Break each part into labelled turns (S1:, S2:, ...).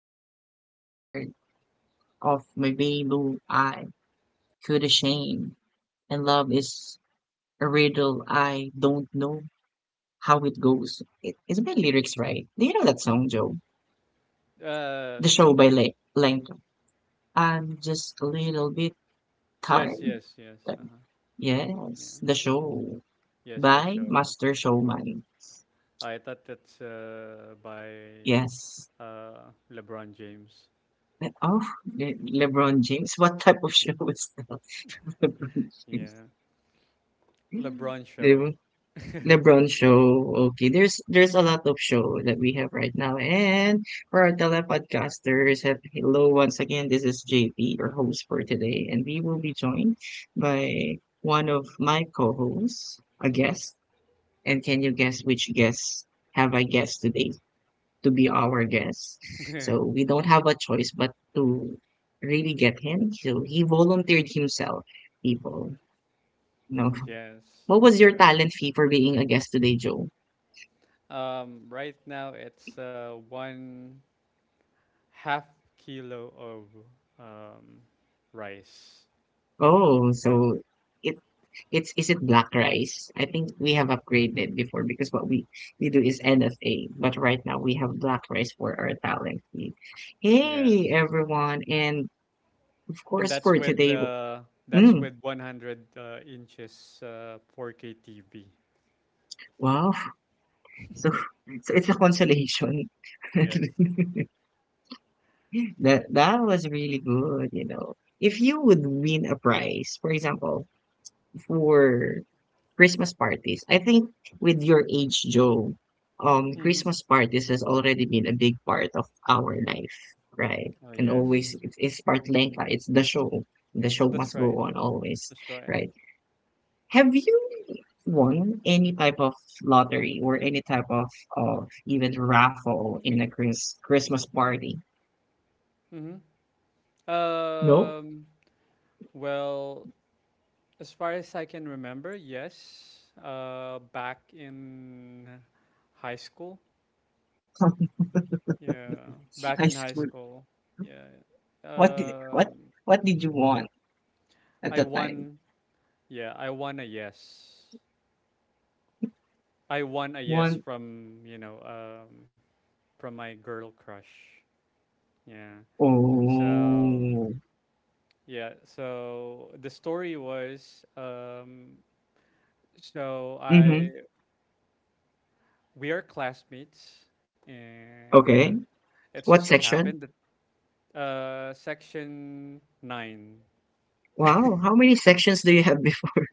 S1: a little bit tired of my blue I could shame. And love is a riddle I don't know how it goes. It's by lyrics, right? Do you know that song, Joe?
S2: Uh,
S1: The show by Lenka. I'm just a little bit
S2: yes,
S1: tired.
S2: yes, yes.
S1: Uh,
S2: Uh-huh. Yeah.
S1: Yes, the show
S2: Yes, the
S1: by
S2: show.
S1: Master Showman.
S2: I thought that's by
S1: Yes.
S2: LeBron James.
S1: Oh, LeBron James. What type of
S2: Yeah.
S1: show is that? LeBron James.
S2: Yeah. LeBron show.
S1: Diba? LeBron show. Okay, there's a lot of show that we have right now, and for our telepodcasters, hello once again. This is JP, your host for today, and we will be joined by one of my co-hosts, a guest. And can you guess which guest have I guest today to be our guest? So we don't have a choice but to really get him. So he volunteered himself, people. No,
S2: Yes,
S1: what was
S2: that's
S1: your
S2: right.
S1: talent fee for being a guest today, Joe?
S2: Right now it's one half kilo of um rice.
S1: Oh, so it it's is it black rice? I think we have upgraded before because what we do is NFA, but right now we have black rice for our talent feed.
S2: Yes.
S1: Hey everyone, and of
S2: And
S1: course
S2: that's
S1: for
S2: with
S1: today,
S2: uh that's
S1: mm,
S2: with 100 inches 4K TV.
S1: wow. So so it's a consolation.
S2: Yes.
S1: That was really good. If you would win a prize, for example, for Christmas parties. I think with your age, Joe,
S2: Mm-hmm.
S1: Christmas parties has already been a big part of our life, right?
S2: Oh
S1: And
S2: yes,
S1: always, it's part Lenka. It's the show. The show
S2: that's
S1: must
S2: right.
S1: go on always,
S2: That's right.
S1: right? Have you won any type of lottery or any type of even raffle in a Christmas party?
S2: hmm Um. Well, as far as I can remember, yes. Back in high school. Yeah, back
S1: I
S2: in high
S1: school.
S2: school. Yeah.
S1: What did what
S2: Um.
S1: what did you want at
S2: I
S1: the time?
S2: won. Yeah, I won a yes. I won a yes
S1: Oh.
S2: from from my girl crush. Yeah. So
S1: Oh.
S2: yeah. So the story was So
S1: Mm-hmm.
S2: I we are classmates, and
S1: Okay.
S2: it just
S1: What
S2: so
S1: section?
S2: happened that section nine,
S1: Wow, how many sections do you have before?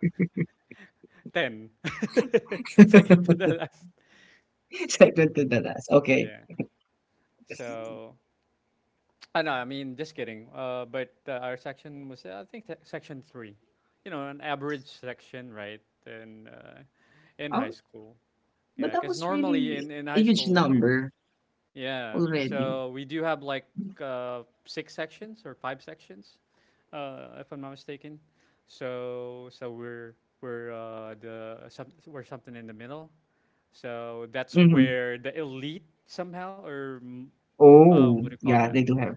S2: ten, second to the last.
S1: Second to the last. Okay.
S2: Yeah. So I know. I mean, just kidding. But our section was I think section three. You know, an average section, right? In uh, in high
S1: Um,
S2: school.
S1: but
S2: Yeah,
S1: that
S2: because
S1: was
S2: normally
S1: really
S2: in
S1: a
S2: high
S1: huge
S2: school we.
S1: number
S2: Yeah.
S1: already.
S2: So we do have like six sections or five sections, if I'm not mistaken. So we're something in the middle. So that's
S1: Hmm.
S2: where the elite somehow or what
S1: Oh,
S2: do you call
S1: yeah,
S2: that?
S1: they do have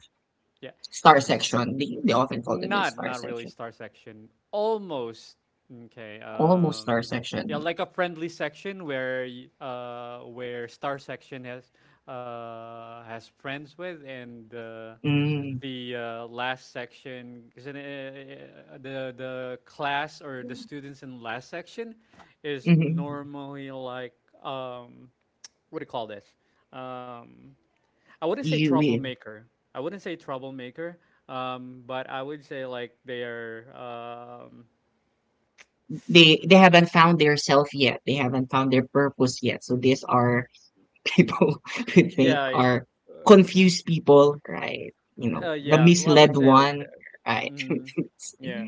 S2: Yeah,
S1: star section. They often call them the star
S2: not really
S1: section.
S2: star section. Almost okay.
S1: Almost star
S2: Yeah,
S1: section.
S2: like a friendly section where where star section has friends with, and
S1: Mm.
S2: the last section, because the class or the students in last section is
S1: Mm-hmm.
S2: normally like um what do you call this? um I wouldn't say
S1: You, we-
S2: troublemaker. I wouldn't say troublemaker. But I would say like they are. Um,
S1: they haven't found their self yet. They haven't found their purpose yet. So these are people who think
S2: yeah,
S1: are confused people, right? You know, the
S2: yeah. I would
S1: misled
S2: say like
S1: one,
S2: that.
S1: right?
S2: Mhm. Yeah.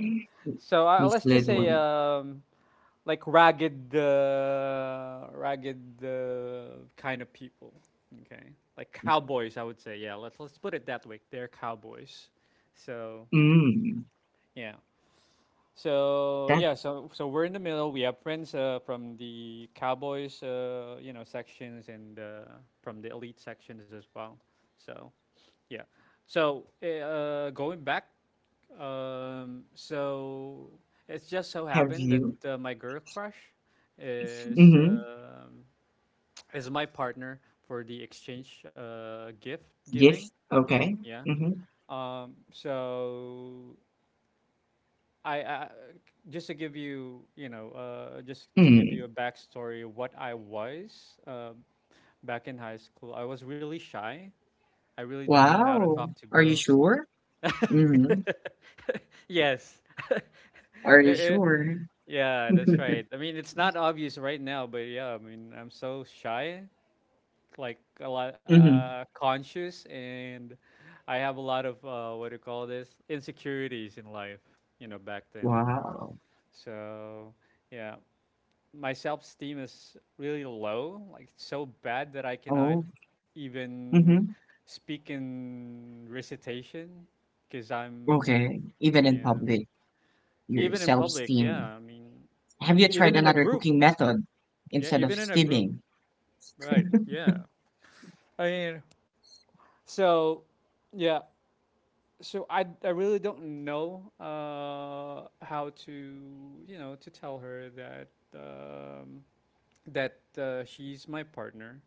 S2: So let's just
S1: Misled
S2: say
S1: one.
S2: like ragged kind of people. Okay, like cowboys. I would say yeah. Let's put it that way. They're cowboys. So
S1: Mm,
S2: yeah. So
S1: that
S2: yeah, so we're in the middle. We have friends from the Cowboys, you know, sections, and from the elite sections as well. So yeah, so going back, so it's just so
S1: have
S2: happened that
S1: you?
S2: my girl crush is
S1: Mm-hmm.
S2: is my partner for the exchange gift giving.
S1: Yes. Okay.
S2: Yeah.
S1: Mm-hmm.
S2: So I just to give you, you know, just to give you
S1: Mm.
S2: a backstory, what I was back in high school, I was really shy. I really don't know how to
S1: Wow.
S2: talk to
S1: Are you
S2: girls.
S1: sure? Mm-hmm.
S2: yes.
S1: Are
S2: Eh,
S1: you
S2: eh,
S1: sure?
S2: yeah, that's right. I mean, it's not obvious right now, but yeah, I mean, I'm so shy, like a lot
S1: Mm-hmm.
S2: conscious, and I have a lot of what do you call this? Insecurities in life, you know, back then.
S1: Wow.
S2: So yeah, my self esteem is really low. Like it's so bad that I cannot
S1: Oh.
S2: even
S1: Mm-hmm.
S2: speak in recitation because I'm
S1: Okay. Even in
S2: yeah.
S1: public, your
S2: Even in public, yeah.
S1: self-esteem.
S2: I mean,
S1: Have you
S2: even
S1: tried
S2: in a
S1: another
S2: group,
S1: cooking method
S2: yeah.
S1: instead of
S2: Even in a group,
S1: steaming?
S2: right? Yeah. I mean, so yeah. So I really don't know how to, you know, to tell her that um she's my partner,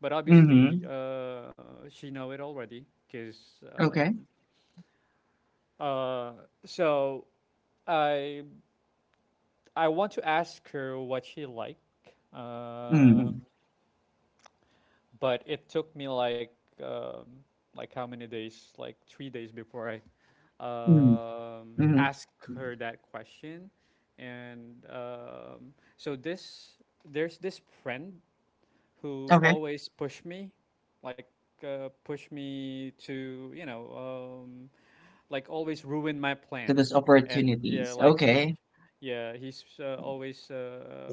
S2: but obviously
S1: Mhm.
S2: she know it already because
S1: Okay.
S2: uh, so I I want to ask her what she like,
S1: Mm,
S2: um, but it took me um, like how many days? Like 3 days before I
S1: mm, mhm.
S2: ask her that question, and so this there's this friend who
S1: Okay.
S2: always push me, like push me to, you know, um, like always ruin my
S1: To
S2: plan.
S1: those
S2: And yeah,
S1: opportunities.
S2: like
S1: Okay.
S2: yeah, he's always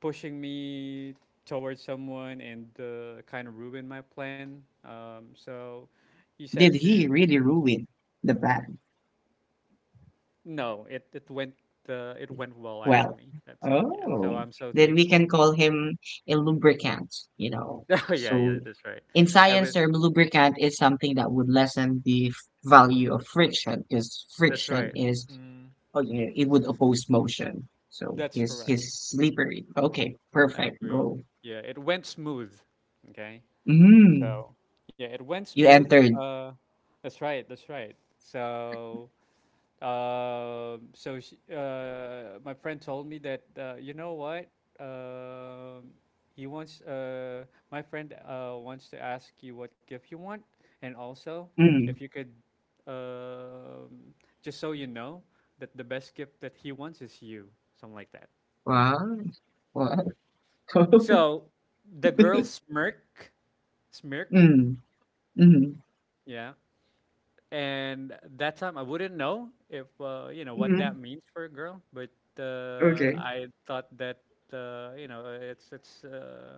S2: pushing me towards someone and kind of ruin my plan. So he said
S1: Did he
S2: to
S1: really ruin the plan?
S2: no, it went it went well
S1: Well,
S2: actually that time. Yeah, so
S1: oh,
S2: I'm so
S1: then we can
S2: thankful.
S1: call him a lubricant, you know.
S2: yeah, yeah,
S1: So
S2: that's right.
S1: in science
S2: Every
S1: term, lubricant is something that would lessen the value of friction because
S2: that's
S1: friction
S2: right.
S1: is,
S2: Mm,
S1: oh, yeah, it would oppose motion. So
S2: that's
S1: he's,
S2: correct.
S1: he's slippery. Okay,
S2: I
S1: perfect.
S2: agree.
S1: Go.
S2: Yeah, it went smooth. Okay.
S1: Mm,
S2: So, yeah, it went
S1: you
S2: smooth.
S1: entered.
S2: That's right. That's right. So, my friend told me that you know what? Um, he wants. My friend wants to ask you what gift you want, and also
S1: Mm.
S2: if you could, um, just so you know, that the best gift that he wants is you. Something like that.
S1: Wow. Wow.
S2: So the girl smirk, smirk,
S1: Mm. Mhm.
S2: yeah. And that time I wouldn't know if you know what
S1: Mhm.
S2: that means for a girl, but
S1: Okay.
S2: I thought that you know it's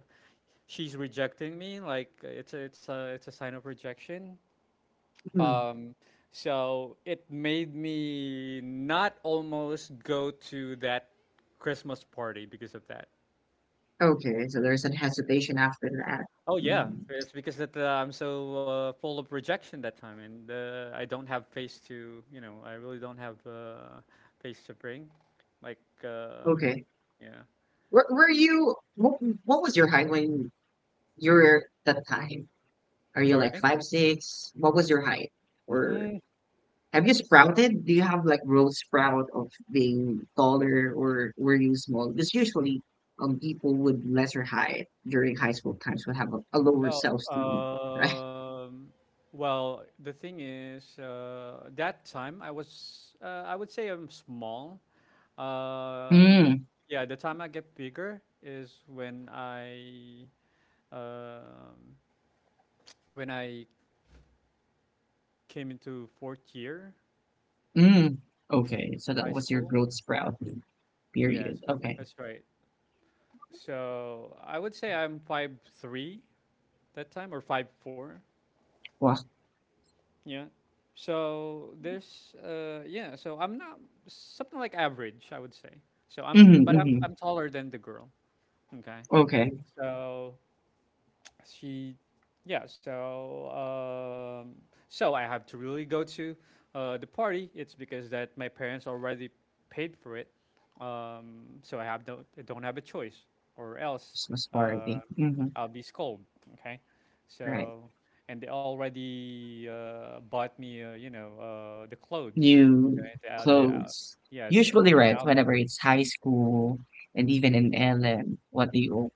S2: she's rejecting me, like it's a sign of rejection.
S1: Mhm.
S2: Um, so it made me not almost go to that Christmas party because of that.
S1: Okay, so there's some hesitation after that.
S2: Oh yeah,
S1: Mm.
S2: it's because that I'm so full of rejection that time, and I don't have face to, you know, I really don't have face to bring. Like,
S1: Okay.
S2: yeah,
S1: Were you what was your height when you were that time? Are you like
S2: sorry.
S1: 5'6"? What was your height? Or
S2: Mm,
S1: have you sprouted? Do you have like growth sprout of being taller or were you small? Because usually people with lesser height during high school times would have a lower self-esteem,
S2: oh,
S1: right?
S2: um, well, the thing is, that time I was, I would say I'm small. Uh, yeah, the time I get bigger is when um, I came into fourth year
S1: Mm, okay. So that
S2: high
S1: was your
S2: school.
S1: growth sprout period.
S2: Yes,
S1: Okay.
S2: that's right. So I would say I'm 5'3" that time, or 5'4".
S1: Wow.
S2: Yeah. So there's yeah. So I'm not something like average, I would say. So I'm
S1: Mm-hmm,
S2: but
S1: mm-hmm.
S2: I'm taller than the girl. Okay.
S1: Okay.
S2: So she yeah so so I have to really go to the party. It's because that my parents already paid for it, so I have no, I don't have a choice, or else
S1: Christmas
S2: uh,
S1: party. Mm-hmm.
S2: I'll be scolded. Okay.
S1: Right.
S2: So, and they already bought me, you know, the clothes.
S1: New
S2: Okay.
S1: clothes.
S2: Yeah,
S1: Usually,
S2: the
S1: right, whenever
S2: outfit.
S1: it's high school and even in LM, what do you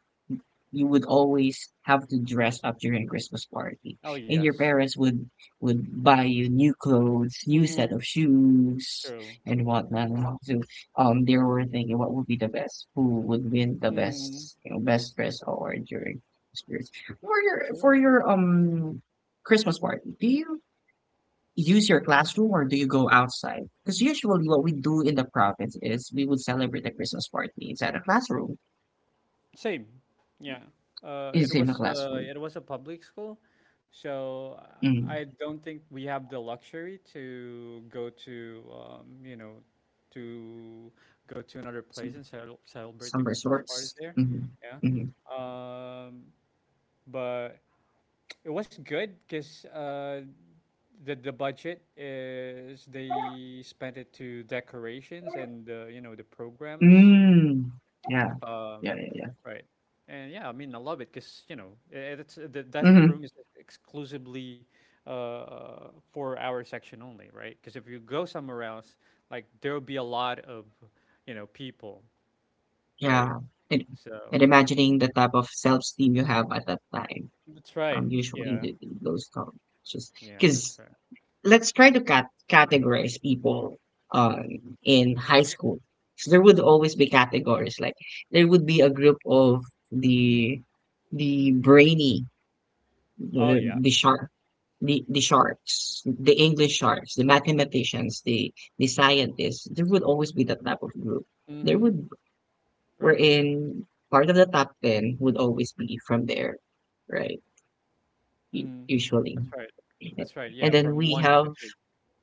S1: you would always have to dress up during Christmas party.
S2: Oh
S1: And your
S2: yes.
S1: parents would buy you new clothes, new set
S2: Mm-hmm.
S1: of shoes
S2: True.
S1: and whatnot. So they were thinking what would be the best, who would win the
S2: mm,
S1: best, you know, best dress award during Christmas. For your for
S2: true.
S1: your Christmas party, do you use your classroom or do you go outside? Because usually what we do in the province is we would celebrate the Christmas party inside a classroom.
S2: Same. Yeah.
S1: Is in a classroom.
S2: It was a public school, so
S1: Mm.
S2: I don't think we have the luxury to go to you know, to go to another place and celebrate
S1: Some
S2: the Christmas party
S1: resorts.
S2: there.
S1: Mhm,
S2: Yeah.
S1: mhm.
S2: Um, but it was good because the budget is they spent it to decorations and you know, the programs,
S1: Mm. Yeah. Yeah,
S2: um,
S1: yeah, yeah.
S2: right. And yeah, I mean, I love it because, you know, it's that that
S1: Mhm.
S2: room is exclusively for our section only, right? Because if you go somewhere else, like there'll be a lot of, you know, people, right?
S1: Yeah. And and
S2: So
S1: imagining the type of self-esteem you have at that time,
S2: that's right.
S1: usually
S2: Yeah.
S1: th th those come just
S2: Yeah, that's
S1: 'cause
S2: right.
S1: let's try to categorize people, uh, in high school. So there would always be categories, like, there would be a group of the the brainy
S2: Oh yeah.
S1: the shark the sharks, the English sharks, the mathematicians, the scientists, there would always be that type of group. There
S2: Mm-hmm.
S1: would
S2: Right.
S1: wherein part of the top 10 would always be from there, right?
S2: Mm-hmm.
S1: Usually,
S2: That's right. That's right. Yeah,
S1: and then
S2: from
S1: we
S2: one to
S1: have
S2: two.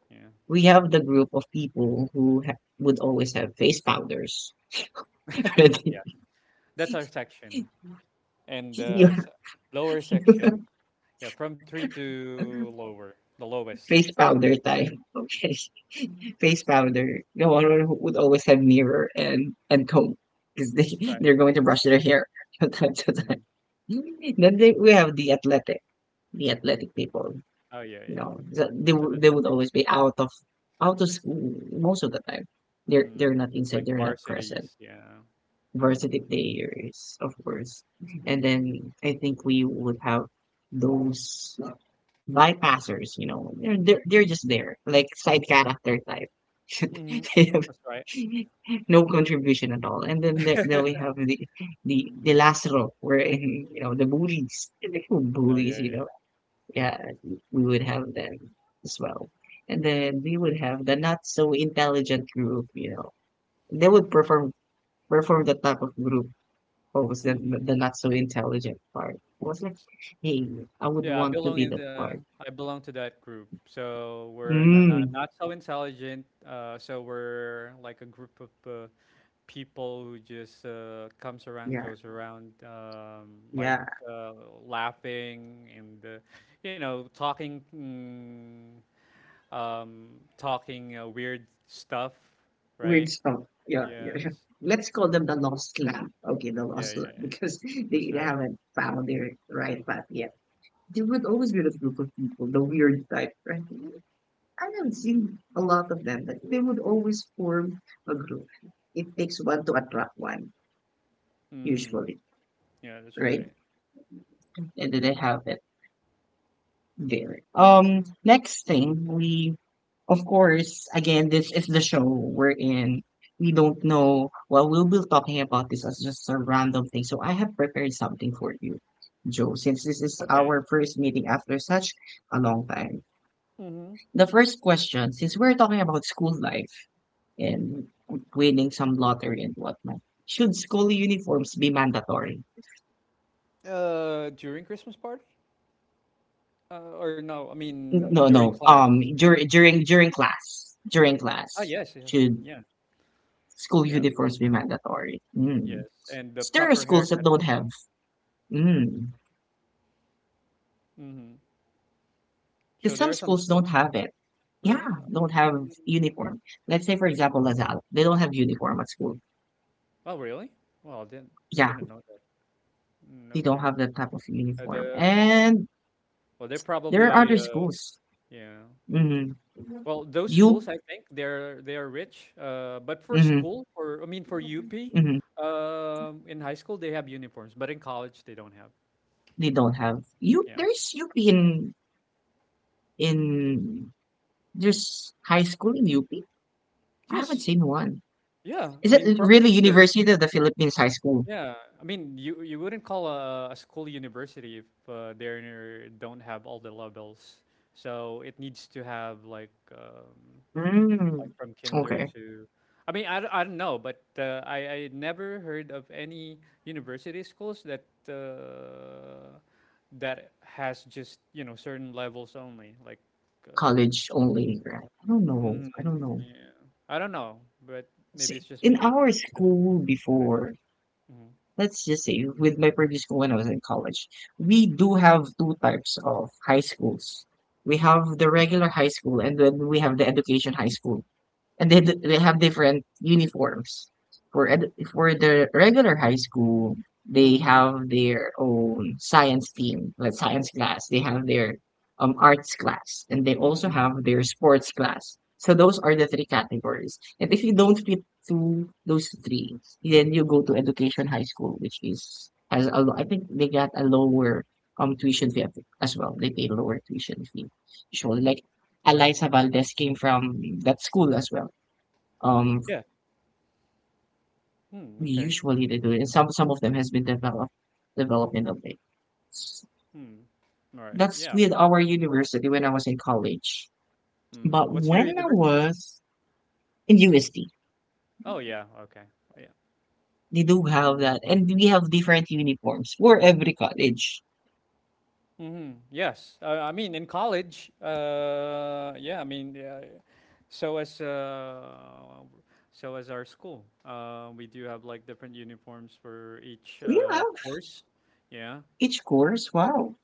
S2: Yeah.
S1: the group of people who would always have face powders. Ready?
S2: yeah. That's our section. And the
S1: You,
S2: s lower section. Yeah, from three to lower, the lowest.
S1: face powder time. Okay. Face powder. No one would always have mirror and comb because they
S2: That's right.
S1: they're going to brush their hair from time to time.
S2: Mhm.
S1: We have the athletic people.
S2: Oh yeah, yeah,
S1: You
S2: yeah.
S1: know,
S2: So that's a
S1: they would
S2: mix,
S1: always be out of school most of the time.
S2: hmm
S1: They're not inside.
S2: like
S1: They're not present.
S2: varsities. Yeah,
S1: Varsity players, of course. And then I think we would have those bypassers, you know. They're just there, like side character type.
S2: hmm
S1: They have
S2: that's right.
S1: no contribution at all. Then we have the last row where you know the bullies, the
S2: no,
S1: bullies,
S2: yeah,
S1: you know.
S2: yeah.
S1: Yeah, we would have them as well. And then we would have the not so intelligent group, you know. They would perform the type of group. Oh, was the
S2: hmm
S1: not so intelligent part? It was like, hey, I would
S2: Yeah,
S1: want to be that part.
S2: I belong to that group. So we're in a
S1: Mm,
S2: not so intelligent. So we're like a group of people who just comes around,
S1: yeah.
S2: goes around, like
S1: Yeah,
S2: uh, laughing and you know talking, um, talking weird stuff,
S1: weird
S2: right?
S1: stuff. Yeah, yeah,
S2: Yes.
S1: yeah. Let's call them the lost lamb. Okay, the
S2: Yeah,
S1: lost
S2: yeah,
S1: lamb
S2: yeah.
S1: because
S2: That's
S1: they
S2: right.
S1: haven't found their right path yet. There would always be this group of people, the weird type, right? I haven't seen a lot of them, but they would always form a group. It takes one to attract one,
S2: Mm,
S1: usually,
S2: yeah, that's
S1: right?
S2: right.
S1: And then they have it there. Next thing we Of course, again, this is the show we're in. We don't know. Well, we'll be talking about this as just a random thing. So I have prepared something for you, Joe, since this is
S2: Okay.
S1: our first meeting after such a long time.
S2: Mm-hmm.
S1: The first question, since we're talking about school life and winning some lottery and whatnot, should school uniforms be mandatory?
S2: During Christmas party? Or no, I mean
S1: No,
S2: during
S1: no.
S2: class.
S1: During class, during class,
S2: Yes, yeah,
S1: should
S2: yeah,
S1: school
S2: yeah,
S1: uniforms be mandatory? Hmm.
S2: yes, and the
S1: S There are
S2: proper
S1: schools that
S2: haircut as
S1: don't have
S2: well.
S1: mm,
S2: hmm
S1: cause
S2: So there
S1: some
S2: are some
S1: schools don't
S2: schools,
S1: have it. Yeah,
S2: really?
S1: don't have uniform. Let's say, for example, Lazal, they don't have uniform at school.
S2: Oh, really? Well, I
S1: Yeah,
S2: didn't know that.
S1: they don't
S2: Okay.
S1: have that type of uniform.
S2: The
S1: And
S2: well, they're
S1: there are
S2: probably
S1: other schools.
S2: yeah.
S1: Mm-hmm.
S2: Well, those schools,
S1: You,
S2: I think they are rich. But for
S1: mm-hmm,
S2: school, for I mean for UP,
S1: mm-hmm.
S2: in high school they have uniforms, but in college they don't have.
S1: They don't have you.
S2: Yeah.
S1: There's UP in there's high school in UP. I haven't
S2: Yes.
S1: seen one.
S2: Yeah. I
S1: Is it
S2: mean from
S1: really
S2: kinder.
S1: University of the Philippines High School?
S2: Yeah, I mean, you wouldn't call a school university if they are don't have all the levels. So it needs to have like
S1: Mm,
S2: from kinder
S1: okay.
S2: to, I mean, I don't know, but I never heard of any university schools that that has just you know certain levels only. Like, uh,
S1: College only, right? I don't know.
S2: mm,
S1: I don't know.
S2: yeah, I don't know, but maybe it's
S1: See,
S2: just
S1: in
S2: me, but
S1: our
S2: that's
S1: school
S2: that's what I know.
S1: before, let's just say with my previous school when I was in college, we do have two types of high schools. We have the regular high school and then we have the education high school and they have different uniforms. For the regular high school, they
S2: Mm-hmm. Mm-hmm.
S1: have their own science team, like science class. They have their arts class, and they also
S2: Mm-hmm.
S1: have their sports class. So those are the three categories. And if you don't fit to those three, then you go to education high school, which is has a I think they got a lower tuition fee as well. They pay lower tuition fee usually. Like Eliza Valdez came from that school as well um
S2: Yeah. Hmm,
S1: we
S2: okay.
S1: usually they do it. And some of them has been developed developmental dates.
S2: Hmm. All right.
S1: That's
S2: Yeah.
S1: with our university when I was in college.
S2: Hmm.
S1: But
S2: What's your
S1: when I
S2: university?
S1: was in USD,
S2: Oh, yeah. Okay. Yeah.
S1: they do have that, and we have different uniforms for every college.
S2: Yes. I mean, in college, yeah, I mean, yeah, so as uh, so as our school, we do have like different uniforms for each
S1: We have
S2: course. Yeah.
S1: each course. Wow.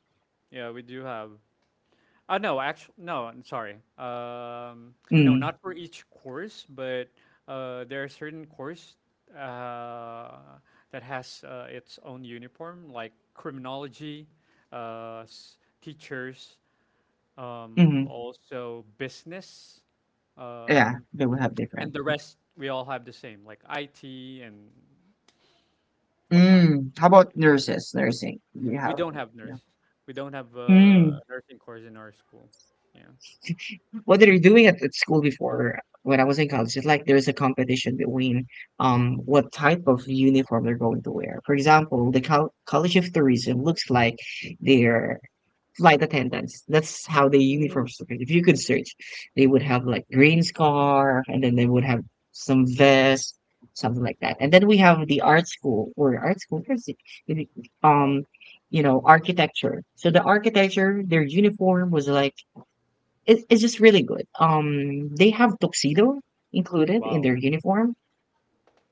S2: Yeah, we do have. No, actually, no. I'm sorry. Um, no,
S1: Mm,
S2: not for each course, but there are certain course uh, that has its own uniform, like criminology, teachers,
S1: hmm.
S2: also business,
S1: Yeah,
S2: um,
S1: they will have
S2: and
S1: different.
S2: the rest. We all have the same, like IT and whatnot.
S1: Mm. How about
S2: Yeah.
S1: nurses? Nursing, you
S2: We
S1: have.
S2: don't have
S1: Yeah.
S2: nurse. We don't have a
S1: Mm.
S2: nursing course in our school. Yeah.
S1: What they're doing at school before when I was in college is like there's a competition between what type of uniform they're going to wear. For example, the College of Tourism looks like their flight attendants. That's how the
S2: Mm,
S1: uniforms look. Like. If you could search, they would have like green scarf, and then they would have some vest, something like that. And then we have the
S2: mm.
S1: art school or art school is it-
S2: Wow.
S1: um you know architecture. So the architecture, their uniform was like it's just really good. They have tuxedo included in
S2: Wow.
S1: their uniform,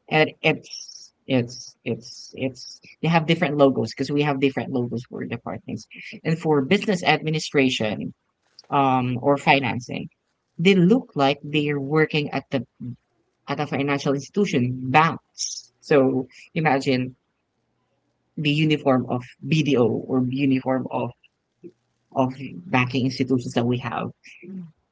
S1: and it's they have different logos because we have different logos for departments. And for business
S2: Mm.
S1: administration, or financing, they look like they're working at the at a financial institution, banks. So imagine the uniform of BDO or uniform of banking institutions that we have.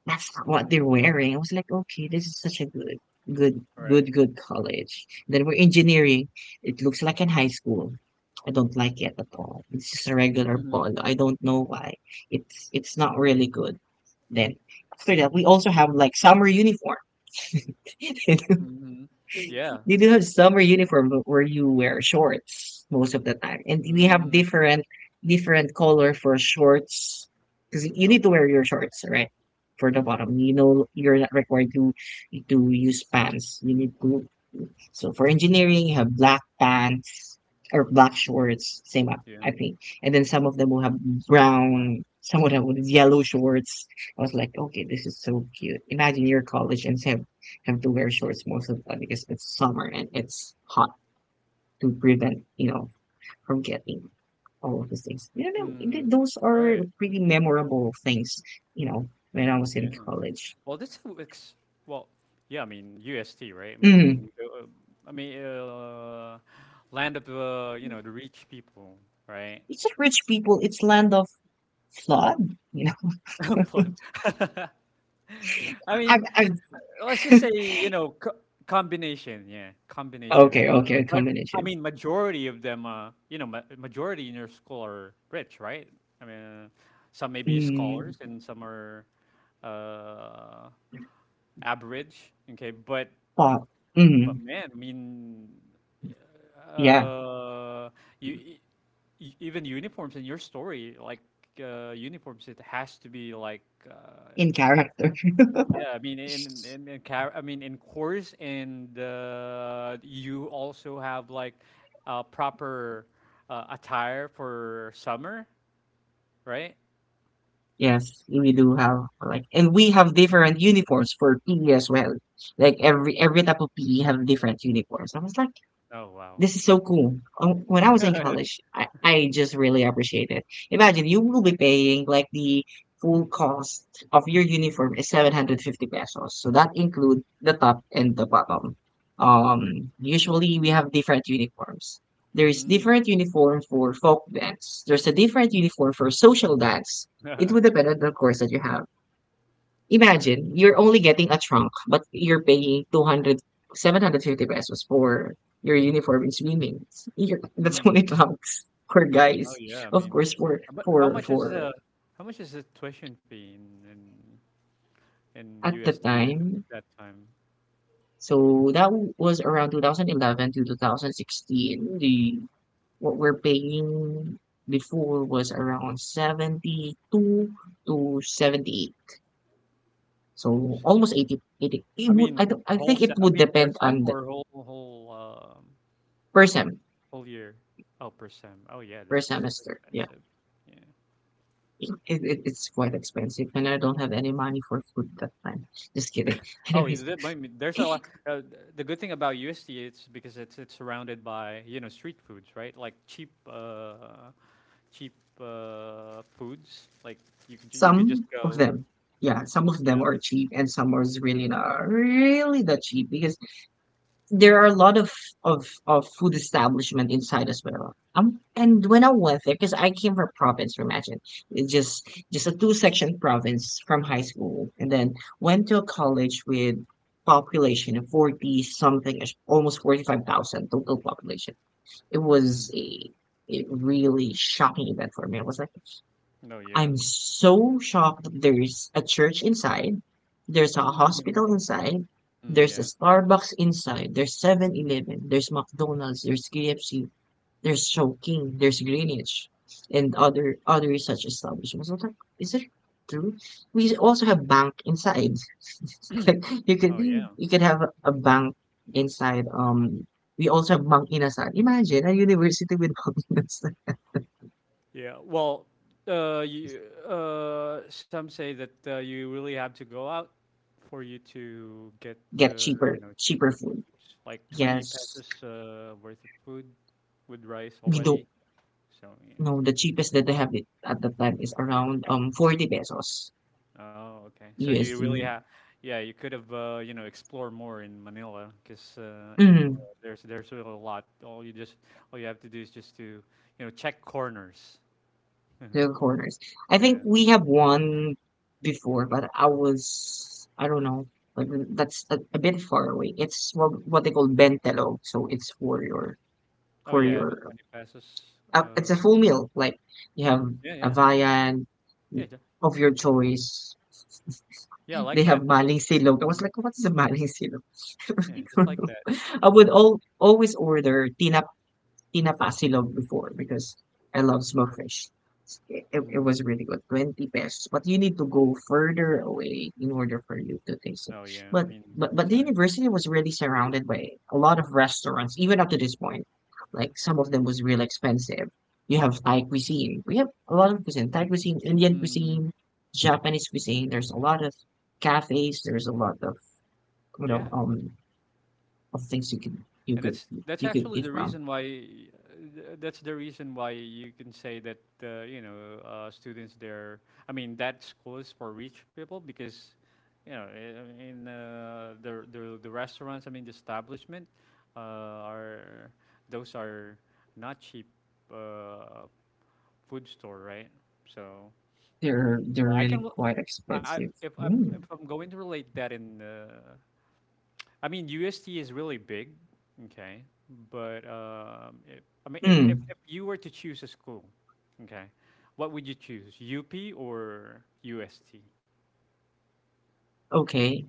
S1: That's not what they're
S2: Mhm.
S1: wearing. I was like, okay, this is such a good, good,
S2: Right.
S1: good, good college. Then we're engineering. It looks like in high school. I don't like it at all. It's just a regular
S2: Mhm.
S1: polo. I don't know why. It's not really good. Then after that, we also have like summer uniform.
S2: Mhm. Yeah.
S1: They do have summer uniform but where you wear shorts most of the time, and we have
S2: Mm.
S1: different color for shorts because you
S2: Oh,
S1: need to
S2: wow.
S1: wear your shorts right for the bottom. You know you're not required to use pants. You need to. So for engineering you have black tan, or black shorts, same up,
S2: Yeah.
S1: I think. And then some of them will have brown, some of them with yellow shorts. I was like, okay, this is so cute. Imagine your college and have to wear shorts most of the time because it's summer and it's hot to prevent, from getting all of these things. You know,
S2: Mm.
S1: those are
S2: Right.
S1: pretty memorable things, you know, when I was in
S2: Yeah.
S1: college.
S2: Well, this who ex well, yeah, I mean, UST, right?
S1: Mm.
S2: I mean, land of the, you know, the rich people, right?
S1: It's a rich people, it's land of flood, you know.
S2: But I mean,
S1: I've
S2: let's just say, you know, co combination, yeah, combination
S1: okay,
S2: of,
S1: okay, a
S2: but I
S1: combination.
S2: mean, majority of them, you know, ma majority in your school are rich, right? I mean, uh, some may be
S1: Mm.
S2: scholars and some are uh, average, okay,
S1: Pop.
S2: but
S1: Mhm.
S2: man,
S1: Yeah,
S2: uh, you even uniforms in your story, like uniforms, it has to be like.
S1: in character.
S2: Yeah, I mean in in in car- I mean in course and you also have like proper attire for summer, right?
S1: Yes, we do have like, and we have different uniforms for PE as well. Like every type of PE have different uniforms. I was like,
S2: Oh wow.
S1: this is so cool. When I was in college, I just really appreciate it. Imagine you will be paying like the full cost of your uniform is 750 pesos. So that include the top and the bottom. Usually we have different uniforms. There's
S2: Mm.
S1: different uniform for folk dance. There's a different uniform for social dance. It
S2: All
S1: would depend on the course that you have.
S2: right.
S1: Imagine, you're only getting a trunk, but you're paying 200 750 pesos for your uniform in swimming. You're, that's only
S2: Mm.
S1: trunks for
S2: Oh
S1: guys.
S2: yeah,
S1: Of course,
S2: but how much is the how much is the tuition fee in
S1: at the
S2: USD at
S1: time.
S2: that time?
S1: So that was around 2011 to 2016. What we're paying before was around 72 to 78. So almost 80, 80. It would, I, don't- I think it
S2: I
S1: would
S2: mean per
S1: depend on
S2: sem
S1: the
S2: or whole.
S1: per sem,
S2: Whole year. Oh, per sem. Oh, yeah,
S1: per
S2: that's so
S1: semester. Yeah.
S2: expensive. Yeah.
S1: It's quite expensive, and I don't have any money for food that time. Just kidding.
S2: Oh,
S1: Anyways,
S2: that might be, there's a lot. The good thing about USD is because it's surrounded by you know street foods, right? Like cheap, cheap foods. Like you could just
S1: some of
S2: go.
S1: them, yeah, some of
S2: Yeah. I
S1: them
S2: mean,
S1: are cheap, and some are really not really that cheap because there are a lot of of food establishment inside as well. And when I went there, because I came from province, imagine it just a two section province from high school, and then went to a college with population of 40 something, almost 45,000 total population. It
S2: mm.
S1: was a really shocking event for me. I was like,
S2: No. Yeah.
S1: I'm so shocked that there's a church inside, there's a
S2: Mm,
S1: hospital inside, there's a
S2: yeah.
S1: Starbucks inside, there's 7-Eleven, there's McDonald's, there's KFC, there's Chongqing, there's Greenwich, and other such establishments. I was like, is it true? We also have bank inside. Like you could
S2: Oh yeah.
S1: have bank inside. We also have bank inasal. Imagine a university with bank inasal.
S2: Yeah. Well, uh, you, some say that you really have to go out for you to get
S1: Get
S2: the you
S1: cheaper
S2: know
S1: cheaper
S2: cheaper
S1: food.
S2: foods, like 20
S1: Yes,
S2: pesos worth of food with rice
S1: we don't
S2: already. So yeah.
S1: know. The cheapest that they have it at the time is around 40 pesos,
S2: Oh, okay. So you really
S1: USD.
S2: have, yeah, you could have you know explored more in Manila because in Manila
S1: Mm,
S2: there's really a lot. All you have to do is just to you know check corners.
S1: The corners. I think
S2: Yeah.
S1: we have one before, but I was, I don't know, but that's a bit far away. It's what they call bentelog, so it's for
S2: Oh yeah, the
S1: your
S2: 20 pesos.
S1: it's a full meal. Like you have
S2: Mm, yeah,
S1: a
S2: yeah.
S1: viand
S2: Yeah, ju
S1: of your choice.
S2: yeah, like
S1: They have
S2: that.
S1: maling silog. I was
S2: Mhm,
S1: like, what is a maling silog?
S2: yeah, just like that.
S1: I would
S2: Mhm,
S1: always order tinapasilog before because I love smoked fish. It, it,
S2: mhm.
S1: was really good, 20 pesos. But you need to go further away in order for you to taste it.
S2: Oh, yeah, I
S1: But
S2: mean,
S1: but
S2: the
S1: but the
S2: time.
S1: university was really surrounded by a lot of restaurants, even up to this point. Like some of them was real expensive. You have Thai cuisine. We have a lot of cuisine, Thai cuisine, Indian cuisine,
S2: Mm,
S1: Japanese cuisine. There's a lot of cafes. There's a lot of you
S2: yeah,
S1: know of things you could you
S2: and
S1: could
S2: that's actually
S1: eat
S2: the
S1: from.
S2: reason why that's the reason why you can say that, you know, students there, I mean, that school is for rich people because, you know, I mean, the restaurants, I mean, the establishment, uh, are those are not cheap, uh, food store, right? So.
S1: They're
S2: Well, I
S1: really
S2: can.
S1: quite expensive.
S2: If
S1: Mm.
S2: I'm going to relate that in. I mean, USD is really big, okay. But if, I mean,
S1: Mm.
S2: if you were to choose a school, okay, what would you choose? UP or UST?
S1: Okay.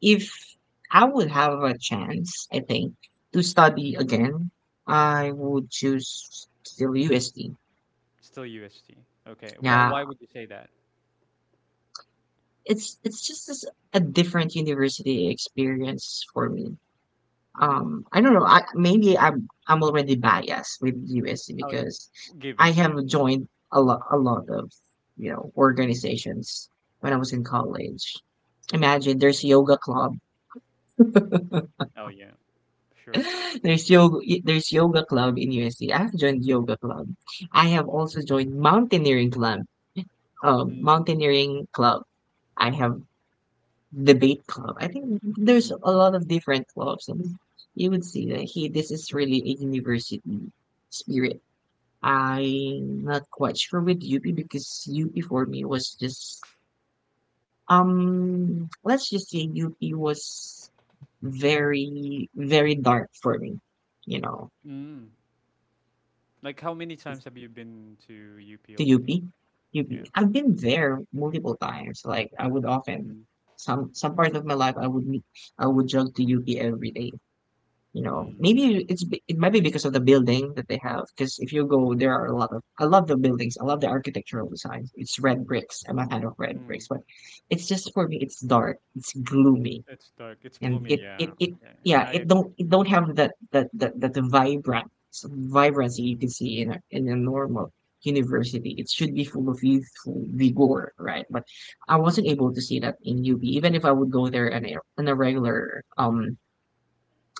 S1: If I would have a chance, I think, to study again, I would choose still USD.
S2: Still UST. Okay.
S1: Yeah,
S2: Why would you say that?
S1: it's just as a different university experience for me.
S2: Mm.
S1: I don't know. I, maybe I'm already biased with USC
S2: Oh,
S1: because I
S2: given,
S1: have
S2: yeah.
S1: joined a lot of you know organizations when I was in college. Imagine there's yoga club.
S2: Oh, yeah. Sure.
S1: There's yoga, there's yoga club in USC. I have joined yoga club. I have also joined mountaineering club.
S2: Mm,
S1: Mountaineering club. I have debate club. I think there's
S2: mm,
S1: a lot of different clubs, and you would see that hey, this is really a university spirit. I'm not quite sure with UP because UP for me was just let's just say UP was very dark for me, you know,
S2: mm. Like, how many times have you been to UP
S1: to
S2: already?
S1: UP.
S2: Yeah.
S1: UP. I've been there multiple times. Like I would often,
S2: Mm.
S1: some part of my life I would meet, I would jog to UP every day. You know,
S2: Mm,
S1: maybe
S2: yeah.
S1: it's, it might be because of the building that they have. Because if you go, there are a lot of, I love the buildings. I love the architectural designs. It's red bricks. I'm a fan of red
S2: Mm.
S1: bricks, but it's just for me. It's dark. It's gloomy,
S2: It's dark. It's
S1: and
S2: gloomy.
S1: it
S2: Yeah.
S1: it it
S2: Yeah, yeah,
S1: yeah.
S2: I
S1: It
S2: agree.
S1: don't it don't have that vibrant vibrancy you can
S2: Mm.
S1: see in a normal university. It should be full of youthful vigor, right? But I wasn't able to see that in UB, even if I would go there on a regular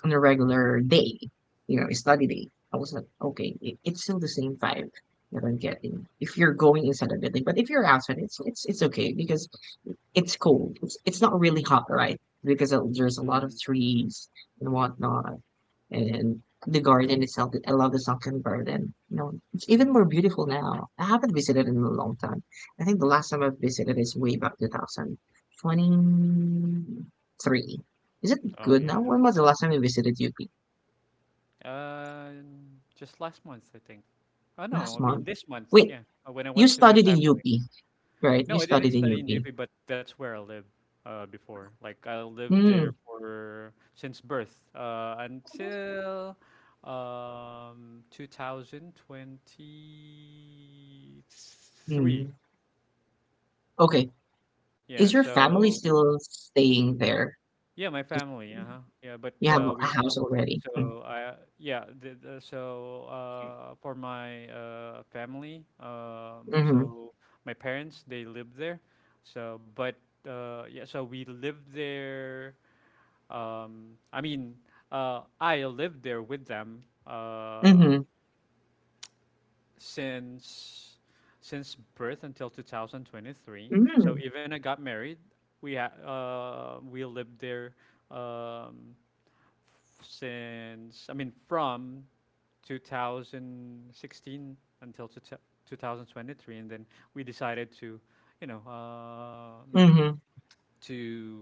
S1: on a regular day, you know, a study day. I was like, okay, it's still the same vibe that I'm getting if you're going inside a building. But if you're outside, it's it's okay because it's cold. It's not really hot, right? Because there's a lot of
S2: Mm.
S1: trees and whatnot, and the garden itself. I love the sunken garden. You know, it's even
S2: Mm.
S1: more beautiful now. I haven't visited in a long time. I think the
S2: Yeah.
S1: last time I've visited is way back 2023. Is it
S2: Oh
S1: good
S2: yeah,
S1: now?
S2: that's
S1: When
S2: a
S1: was the
S2: long. Time.
S1: last time you visited UP?
S2: Uh, just last month, I think. Oh no,
S1: Last
S2: I mean
S1: month.
S2: this month.
S1: Wait,
S2: Yeah, when I
S1: you
S2: went to my
S1: studied in
S2: family.
S1: UP, right? You
S2: No, I didn't
S1: studied in
S2: study in
S1: UP.
S2: UP, but that's where I lived before. Like I lived there
S1: Mm,
S2: for since birth until 2023.
S1: mm. Okay.
S2: Yeah,
S1: Is your family
S2: so
S1: still staying there?
S2: yeah, my family. Uh-huh. Yeah, but
S1: You have a
S2: we
S1: house already.
S2: so I yeah, the, so for my family,
S1: Mm-hmm.
S2: so my parents they live there. So but yeah, so we lived there um I mean, I lived there with them uh
S1: Mm-hmm.
S2: since since birth until 2023. So
S1: Mm.
S2: even I got married, we lived there um since I mean from 2016 until 2023, and then we decided to, you know,
S1: Mm-hmm.
S2: to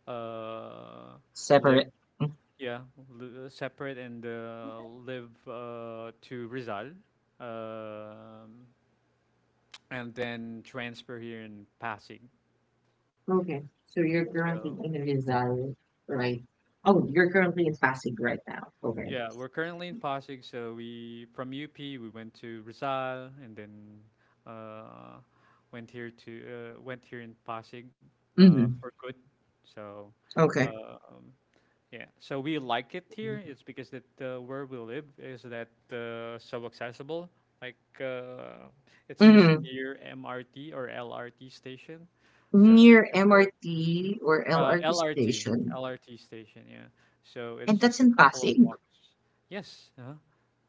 S2: uh, live,
S1: Separate. Mm.
S2: yeah, separate and live to Rizal, um, and then transfer here in Pasig.
S1: Okay. So you're
S2: So
S1: currently in Rizal, right? Oh, you're currently in Pasig right now. Okay.
S2: yeah, we're currently in Pasig, so we from UP we went to Rizal and then uh, went here in Pasig
S1: Mm-hmm.
S2: for good. So
S1: Okay.
S2: um, yeah, so we like it here. It's because that where we live is that so accessible. Like it's just
S1: Mm-hmm.
S2: near MRT or LRT station, so it's
S1: Near
S2: just uh,
S1: MRT or LRT
S2: uh, LRT,
S1: station.
S2: LRT station, yeah. So it's
S1: And that's
S2: just a
S1: in
S2: couple of
S1: Pasig.
S2: walks. Yes, uh-huh.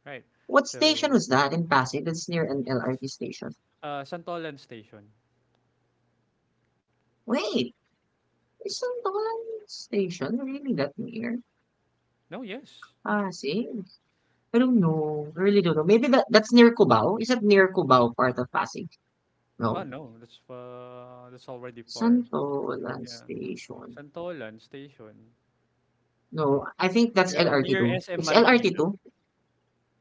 S2: Right.
S1: What station
S2: So,
S1: was that in Pasig that's near an LRT station?
S2: Santolan station.
S1: Wait, isn't Tolan station really that near
S2: No, yes.
S1: Pasig? I don't know. I really don't know. Maybe that's near Cubao? Is that near Cubao part of Pasig?
S2: Oh
S1: No.
S2: no, that's already far.
S1: Santolan
S2: Yeah,
S1: station.
S2: Santolan station.
S1: No, I think that's
S2: Yeah, near
S1: LRT2.
S2: SM
S1: It's
S2: Marikina.
S1: LRT2?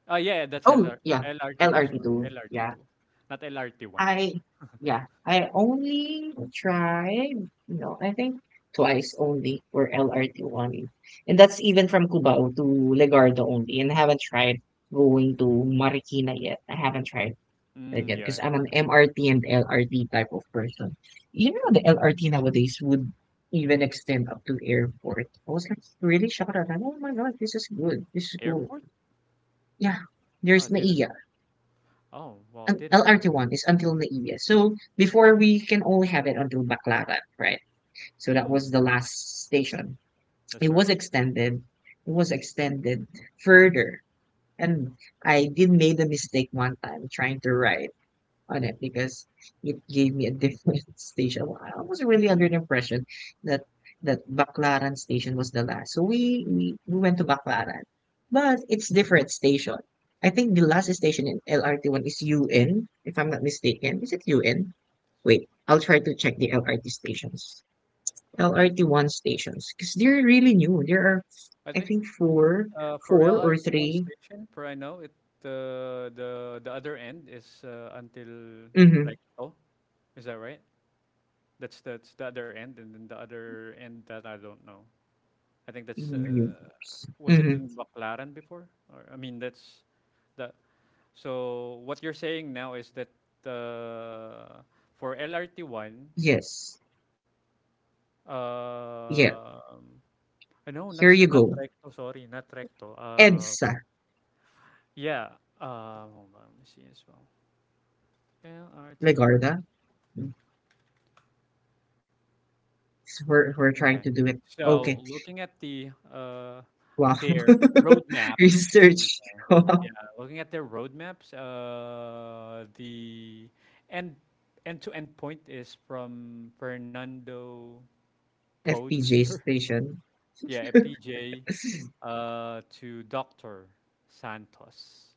S2: Ah, yeah, that's
S1: Oh,
S2: LR
S1: yeah.
S2: LRT two. Sorry,
S1: LRT2.
S2: LRT
S1: Yeah.
S2: two, not LRT one.
S1: I yeah, I only tried, no, I think twice only or LRT only. And that's even from Cubao to Legardo only. And I haven't tried going to Marikina yet. I haven't tried that
S2: Mm,
S1: yet
S2: yeah.
S1: because I'm an MRT and LRT type of person. You know, the
S2: Hmm.
S1: LRT nowadays would even extend up to airport. I was like really shocked at that. Oh my God, this is good. This is cool.
S2: Airport?
S1: Yeah,
S2: Oh,
S1: there's
S2: didn't
S1: NAIA.
S2: know. Oh, well, didn't know that.
S1: LRT1 is until Naiya. So before we can only have it until Baclaran, right? So that
S2: Mm,
S1: was the last station.
S2: that's
S1: It was
S2: right.
S1: extended. It was extended further. And I did made a mistake one time trying to ride on it because it gave me a different station. I was really under
S2: Mm.
S1: the impression that that Baclaran station was the last. So we went to Baclaran, but it's different station. I think the last station in LRT one is UN, if I'm not mistaken. Is it UN? Wait, I'll try to check the LRT stations. LRT one stations because they're really new. There are,
S2: I
S1: I
S2: think
S1: think,
S2: uh, for
S1: four or
S2: LRT1
S1: 3.
S2: station, for I know it, the other end is until
S1: Mm-hmm.
S2: Recto. Is that right? That's the other end, and then the other end that I don't know. I think that's was it
S1: Mm-hmm.
S2: in Baclaran before, or I mean that's the. So what you're saying now is that uh, for LRT1,
S1: Yes. Yeah.
S2: um I know
S1: Here you
S2: not
S1: go.
S2: Recto. Sorry, not Recto.
S1: EDSA,
S2: Yeah. Hold on. Let me see as well. LRT.
S1: Legorda. Mm. We're
S2: Okay.
S1: trying to do it.
S2: So
S1: Okay.
S2: looking at the
S1: Wow.
S2: their roadmaps.
S1: Research. Of
S2: Yeah, looking at their roadmaps. The end end to end point is from Fernando Poe
S1: FPJ
S2: Jr.
S1: station.
S2: Yeah, FPJ to Doctor Santos,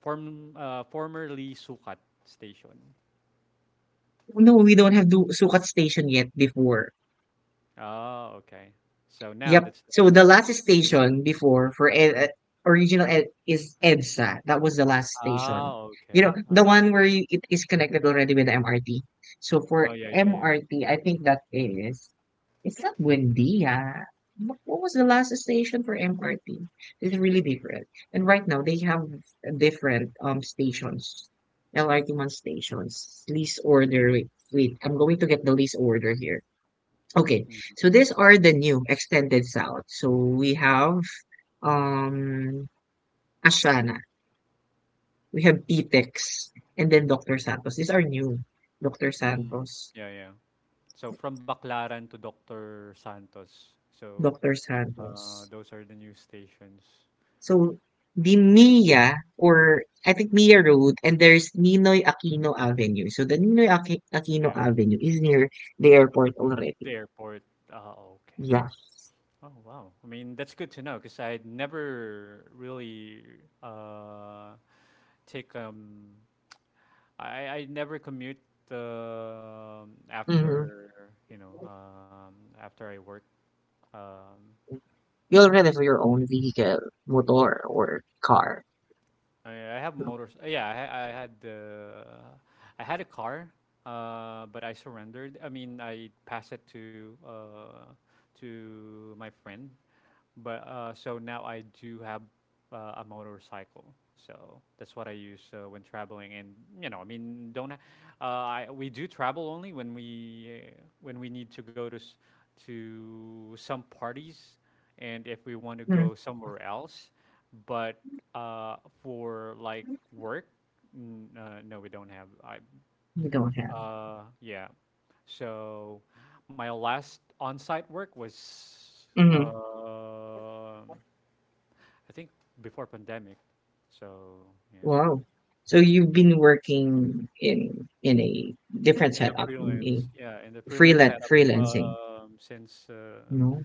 S2: formerly Sukat Station.
S1: No, we don't have the Sukat station yet before.
S2: Oh, okay. So now
S1: Yep.
S2: that's the.
S1: So the last station before for
S2: Uh-huh.
S1: original ed, is EDSA. That was the last station.
S2: Ah,
S1: You know,
S2: okay. I
S1: the one
S2: see.
S1: where you, it is connected already with the MRT. So for
S2: Oh, yeah, yeah, yeah.
S1: MRT, I think that is. It's not Buendia. What was the last station for MRT? It's really different. And right now they have different stations, LRT one stations. Lease order. I'm going to get the lease order here. Okay,
S2: Mm,
S1: so these are the new extended south. So we have um Ashana, we have Pitex, and then Dr. Santos. These are new. Dr.
S2: mm.
S1: Santos,
S2: Yeah, yeah. So from Baclaran to Dr. Santos. So
S1: Dr. Santos.
S2: those are the new stations.
S1: So, the Mia or I think Mia Road and there's Ninoy Aquino Avenue. So the Aquino
S2: Yeah.
S1: Avenue is near the airport
S2: The
S1: already.
S2: airport. Ah, okay.
S1: Yeah.
S2: Oh, wow. I mean, that's good to know because I'd never really uh, take I never commute
S1: Mm-hmm.
S2: after, you know, after I work. Um
S1: You already have your own vehicle, motor or car.
S2: I mean, I have
S1: No.
S2: motors. Yeah, I had a car, but I surrendered. I mean, I passed it to my friend but so now I do have a motorcycle, so that's what I use when traveling. And you know, I mean, don't ha- I, we do travel only when we need to to some parties, and if we want to
S1: Mm,
S2: go somewhere else. But for like work, no, we don't have. I
S1: you don't have.
S2: yeah. So my last on-site work was
S1: Mm-hmm.
S2: um I think before pandemic. So yeah,
S1: Wow. So you've been working in a different
S2: in the
S1: setup in a
S2: freelance
S1: freelance
S2: setup
S1: freelancing.
S2: since
S1: No.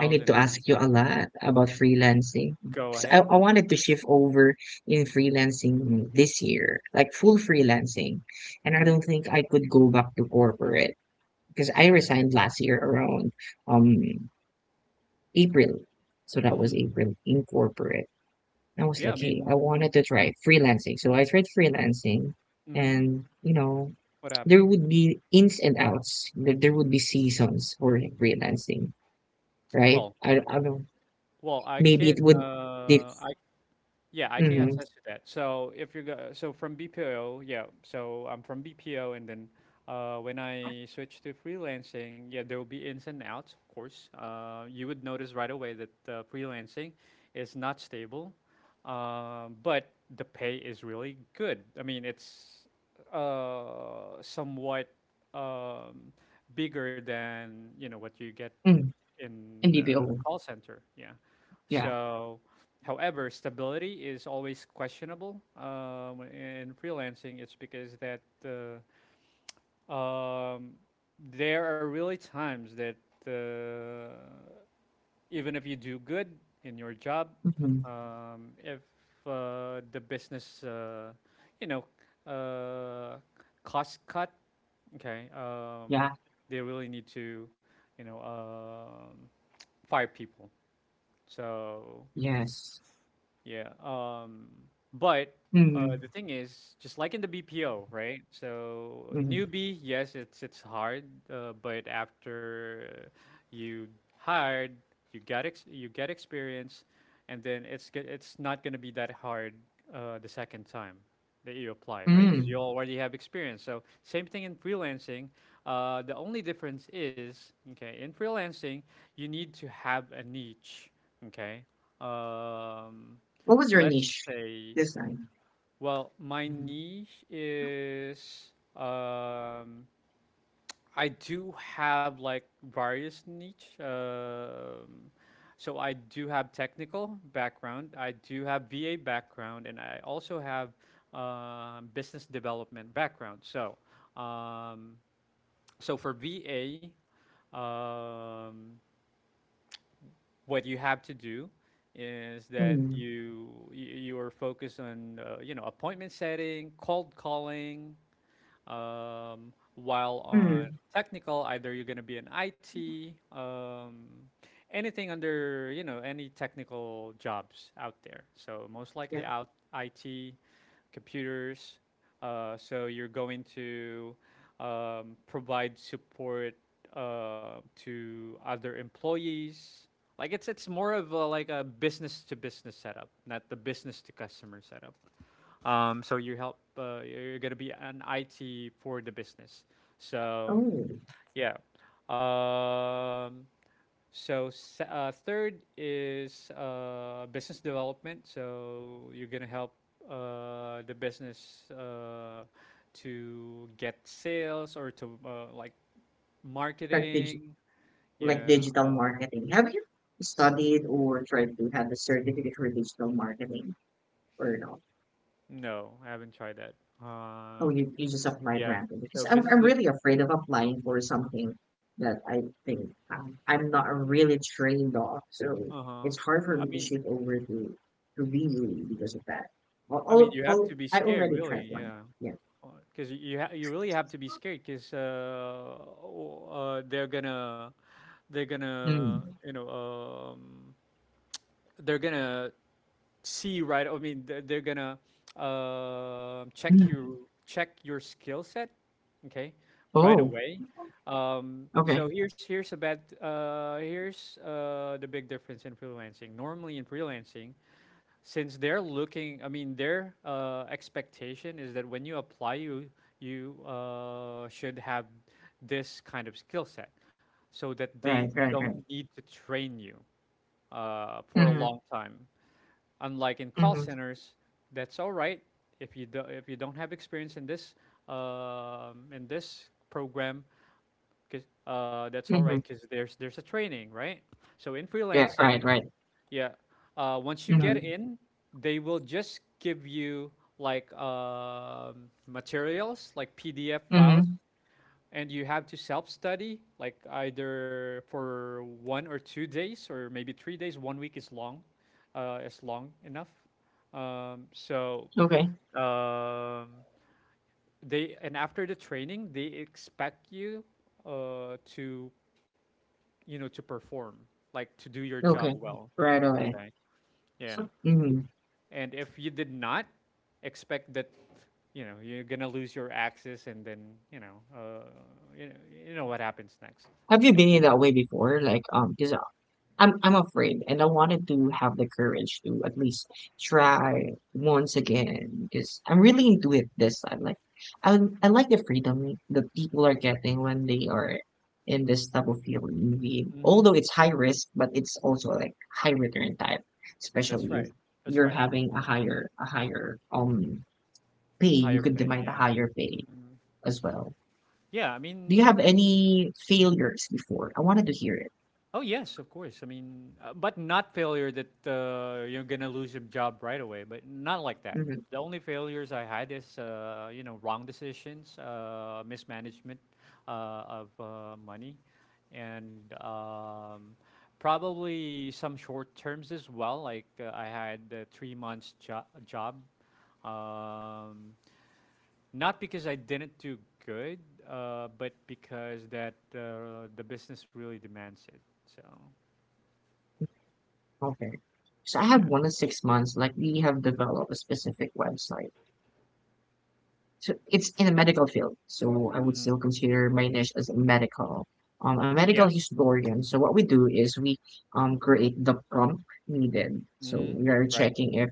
S1: I need to ask you a lot about freelancing.
S2: Go
S1: 'Cause I,
S2: ahead.
S1: I wanted to shift over in freelancing this year, like full freelancing. And I
S2: Mm-hmm.
S1: don't think I could go back to corporate because I resigned last year around um April. So that was
S2: Hmm.
S1: April in corporate. I was
S2: Yeah, I
S1: like, hey, I wanted
S2: mean,
S1: to try freelancing. So I tried freelancing
S2: hmm,
S1: and you know,
S2: what happened?
S1: there would be ins and outs. There would be seasons for freelancing, right?
S2: Well,
S1: I don't
S2: well, I
S1: Maybe it
S2: can
S1: would dif
S2: I Yeah, I can
S1: Mhm,
S2: attest to that. So if you go, so from BPO, yeah. So I'm from BPO, and then when I switch to freelancing, yeah, there will be ins and outs, of course. You would notice right away that freelancing is not stable, but the pay is really good. I mean, it's somewhat um, bigger than you know what you get
S1: mm,
S2: in
S1: in
S2: a
S1: BPO,
S2: call center. Yeah.
S1: yeah,
S2: So, however, stability is always questionable in freelancing. It's because that um, there are really times that uh, even if you do good in your job,
S1: Mhm.
S2: if the business, you know, uh, cost cut, okay,
S1: Yeah,
S2: they really need to, you know, five people. So
S1: yes,
S2: yeah. But
S1: mhm,
S2: the thing is, just like in the BPO, right? So
S1: mhm,
S2: newbie, yes, it's hard, but after you hired, you get experience, and then it's not gonna be that hard the second time that you apply, right? Because
S1: mm.
S2: you already have experience. So same thing in freelancing. The only difference is, okay, in freelancing, you need to have a niche, okay? Um,
S1: What was your
S2: let's
S1: niche
S2: say,
S1: this time?
S2: well, my
S1: Mhm.
S2: niche is um, I do have like various niche. So I do have technical background, I do have VA background, and I also have business development background. So, um, so for VA, um, what you have to do is that
S1: Mm,
S2: you are focused on you know appointment setting, cold calling, while on
S1: mm,
S2: technical, either you're going to be an IT, anything under, you know, any technical jobs out there. So most likely
S1: yeah,
S2: out IT, computers. So you're going to provide support to other employees. Like it's more of a, like a business to business setup, not the business to customer setup. So you help. You're gonna be an IT for the business. So
S1: oh,
S2: yeah. Um, so third is business development. So you're gonna help the business to get sales or to like
S1: like digi
S2: marketing.
S1: like
S2: Yeah.
S1: digital marketing. Have you studied or tried to have a certificate for digital marketing or no?
S2: No, I haven't tried that.
S1: Oh,
S2: Um,
S1: you just applied
S2: yeah.
S1: randomly because
S2: So
S1: I'm
S2: business.
S1: I'm
S2: De-
S1: really afraid of applying for something that I think I'm not really trained off. So
S2: uh huh.
S1: it's hard for
S2: I
S1: me to
S2: mean,
S1: shift over to really because of that. Well, I'll,
S2: you have
S1: I'll,
S2: to be
S1: i I
S2: scared,
S1: already
S2: really.
S1: tried one.
S2: Yeah.
S1: Yeah.
S2: because you really have to be scared because they're gonna
S1: Mm.
S2: you know they're gonna see right. I mean they're gonna
S1: Mm.
S2: check your skill set, okay, right
S1: Oh,
S2: away. So
S1: okay.
S2: here's here's a bad here's the big difference in freelancing. Normally in freelancing, since they're looking, I mean their expectation is that when you apply you should have this kind of skill set so that they
S1: Right, right,
S2: don't
S1: right.
S2: need to train you for a
S1: Mm-hmm.
S2: long time, unlike in call
S1: Mm-hmm.
S2: centers. That's all right if you don't have experience in this, in this program, that's all right
S1: Mm-hmm.
S2: because there's a training, right? So in
S1: Yeah, right,
S2: freelancing,
S1: right.
S2: yeah. Once you get
S1: Mm-hmm.
S2: in, they will just give you like materials, like PDF files,
S1: Mm-hmm.
S2: and you have to self-study, like either for 1 or 2 days, or maybe 3 days. One week is long enough. Um, so
S1: Okay.
S2: um, they, and after the training, they expect you to to perform, like to do your job
S1: Okay.
S2: well.
S1: Right away.
S2: Okay. Yeah.
S1: So mm-hmm.
S2: And if you did not expect that, you're gonna lose your access, and then you know, you know what happens next.
S1: Have you
S2: Like
S1: been
S2: you.
S1: in that way before? Like, because I'm afraid, and I wanted to have the courage to at least try once again because I'm really into it this time. Like, I I like the freedom that people are getting when they are in this type of field. Indeed,
S2: Mm-hmm.
S1: although it's high risk, but it's also like high return type,
S2: That's
S1: especially if
S2: right. That's
S1: you're
S2: right.
S1: having a
S2: Mm,
S1: higher a higher pay, you
S2: higher
S1: could
S2: pay.
S1: demand a
S2: Yeah.
S1: higher pay as well.
S2: Yeah. I
S1: Do you have
S2: mean,
S1: any failures before? I wanted to hear it.
S2: oh yes, of course. I mean, but not failure that you're gonna lose your job right away. But not like that.
S1: Hmm
S2: The only failures I had is wrong decisions, mismanagement of money, and probably some short terms as well. Like I had a 3 months job, um, not because I didn't do good, but because that the business really demands it. So.
S1: Okay. So I have
S2: Yeah.
S1: 1 to 6 months, like we have developed a specific website. So it's in the medical field. So I would
S2: Mm-hmm.
S1: still consider my niche as a medical. A medical
S2: Yeah.
S1: historian. So what we do is we create the prompt needed. So
S2: Mm-hmm.
S1: we are
S2: Right.
S1: checking if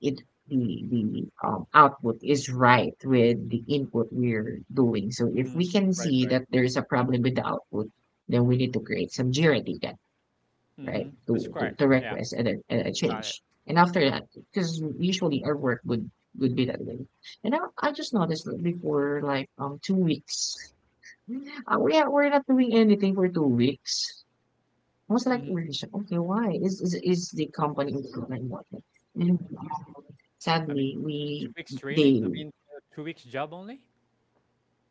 S1: it the the output is right with the input we're doing. So if we
S2: Mm-hmm.
S1: can
S2: Right.
S1: see
S2: Right.
S1: that there is a problem with the output, then we need to create some JIRA data, right?
S2: Mm-hmm. That's
S1: To to,
S2: correct.
S1: to
S2: Yeah.
S1: request and a
S2: Got it.
S1: change. And after that, because usually our work would be that way. And I just noticed that before like 2 weeks, we're not doing anything for 2 weeks. I was like,
S2: Mm-hmm.
S1: really shocked. Okay, why is the company improving? And
S2: I mean,
S1: sadly,
S2: two weeks training.
S1: they
S2: I mean, 2 weeks job only.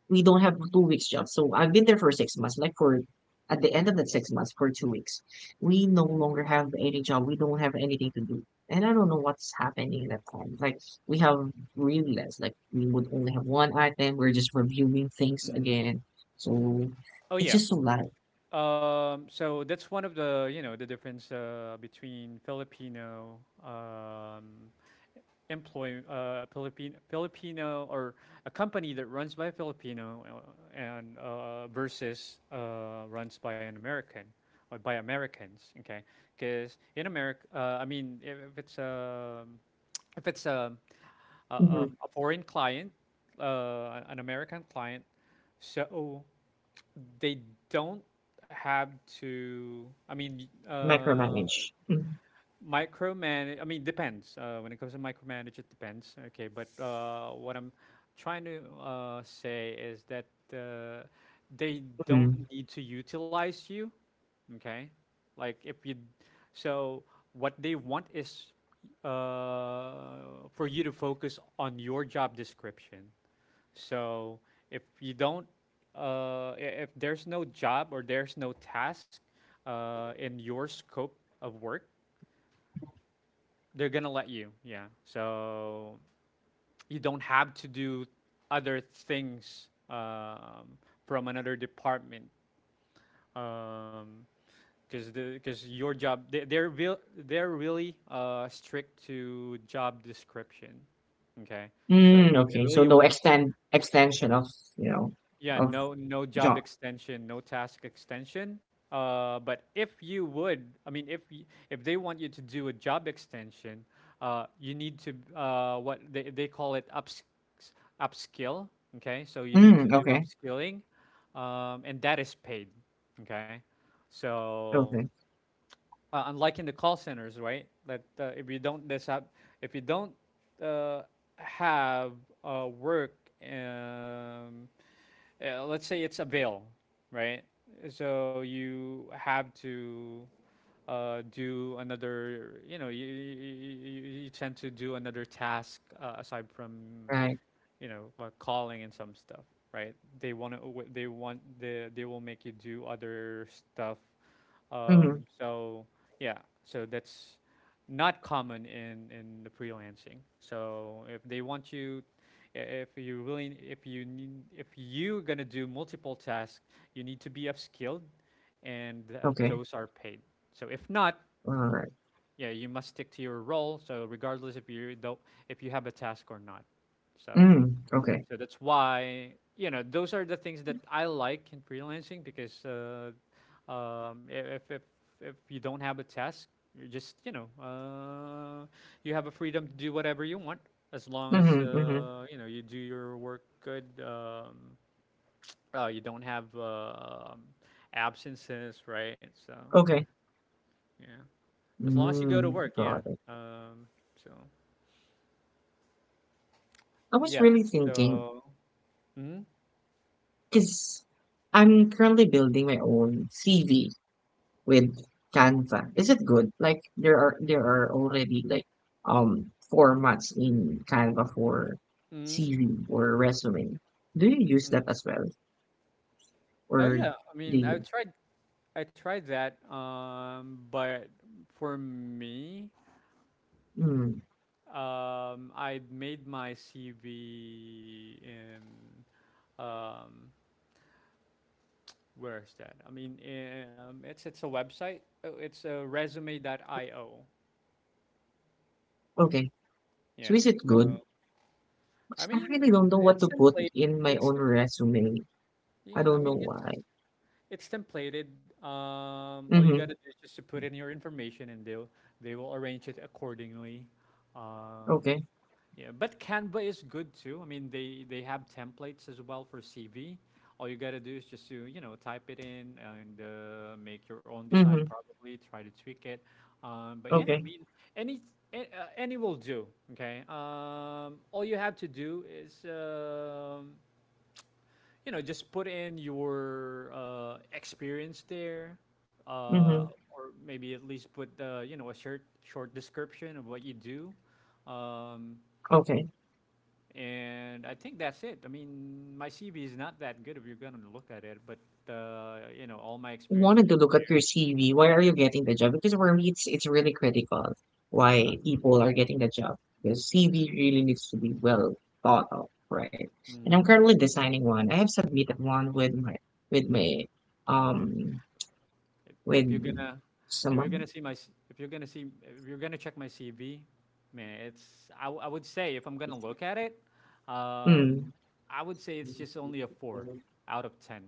S1: we don't have 2 weeks job. So I've been there for 6 months. Like for at the end of that 6 months, for 2 weeks, we no longer have any job. We don't have anything to do. And I don't know what's happening at that time. Like we have really less. Like we would only have one item. We're just reviewing things
S2: Mm-hmm.
S1: again. So
S2: Oh
S1: it's
S2: yeah.
S1: just a lot.
S2: So that's one of the the difference between Filipino employ Filipino Filipino or a company that runs by a Filipino, and versus runs by an American or by Americans. Okay, because in America, I mean, if it's a, if it's um, a,
S1: Mhm.
S2: um, a foreign client, an American client, so they don't have to. I mean,
S1: Micromanage.
S2: micromanage. I mean, depends. When it comes to micromanage, it depends. Okay, but what I'm trying to say is that uh, they don't
S1: Mm-hmm.
S2: need to utilize you. Okay, like if you. So what they want is uh, for you to focus on your job description. So if you don't, if there's no job or there's no task in your scope of work, they're gonna let you. Yeah. So you don't have to do other things from another department. Um, because your job, they they're really strict to job description, okay, so
S1: Mm,
S2: they
S1: okay. So
S2: really
S1: no extend extension of you know
S2: yeah,
S1: of
S2: no no job
S1: job.
S2: extension, no task extension. But if you would, I mean, if if they want you to do a job extension, you need to what they call it ups, upskill. Okay, so you need to
S1: Mm,
S2: do
S1: okay.
S2: upskilling, and that is paid. Okay, so
S1: Okay.
S2: unlike in the call centers, right? That if you don't this up, if you don't uh, have work. Let's say it's a bill, right? So you have to do another, you know, you tend to do another task aside from,
S1: Right.
S2: you know, like calling and some stuff, right? They want to, they want the, they will make you do other stuff.
S1: Mm-hmm.
S2: So yeah, so that's not common in the freelancing. So if they want you, if you really, if you need, if you are gonna do multiple tasks, you need to be upskilled, and
S1: Okay.
S2: those are paid. So if not,
S1: All right.
S2: yeah, you must stick to your role. So regardless if you don't, if you have a task or not. So
S1: Mm, okay.
S2: so that's why, those are the things that I like in freelancing because, um, if you don't have a task, you're just you have a freedom to do whatever you want as long as,
S1: Mhm, mhm,
S2: you do your work good. You don't have absences, right? So
S1: okay.
S2: yeah, as long as you go
S1: Mm,
S2: to work,
S1: got
S2: yeah.
S1: it.
S2: Um, so
S1: I was
S2: yeah,
S1: really thinking,
S2: so. Mm-hmm,
S1: because I'm currently building my own CV with Canva. Is it good? Like there are already like formats in Canva for
S2: mm-hmm,
S1: CV or resume. Do you use
S2: mm-hmm.
S1: that as well?
S2: Oh
S1: Or
S2: yeah, I
S1: do
S2: mean,
S1: you?
S2: I tried that, but for me,
S1: Mm,
S2: I made my CV in, um, where is that? I mean, it's a website. It's a resume.io.
S1: okay. So
S2: Yeah.
S1: is it good?
S2: So I
S1: 'Cause I
S2: mean,
S1: really don't know what
S2: it's
S1: to put
S2: template.
S1: in my
S2: It's
S1: own
S2: the,
S1: resume. I
S2: yeah. I
S1: don't know
S2: mean,
S1: why.
S2: it's templated. All you gotta
S1: Mm-hmm.
S2: do is just to put in your information, and they will arrange it accordingly. Um,
S1: Okay.
S2: Yeah, but Canva is good too. I mean, they have templates as well for CV. All you gotta do is just to, type it in and make your own design.
S1: Mhm,
S2: Probably try to tweak it. But yeah, I
S1: okay,
S2: mean, any any will do. Okay. All you have to do is, just put in your experience there,
S1: mhm,
S2: or maybe at least put, a short description of what you do. Um,
S1: okay.
S2: and I think that's it. I mean, my CV is not that good if you're gonna look at it, but all my experience are.
S1: Wanted to look at your CV. Why are you getting the job? Because for me, it's really critical why people are getting the job. Because CV really needs to be well thought of, right? And I'm
S2: Mm,
S1: currently designing one. I have submitted one with my
S2: oh man,
S1: um
S2: if, if you're
S1: with
S2: gonna, if you're gonna
S1: someone.
S2: see my, if you're gonna see, if you're gonna check my CV, man, it's. I would say if I'm gonna look at it, um,
S1: Mm.
S2: I would say it's just only a 4 out of 10.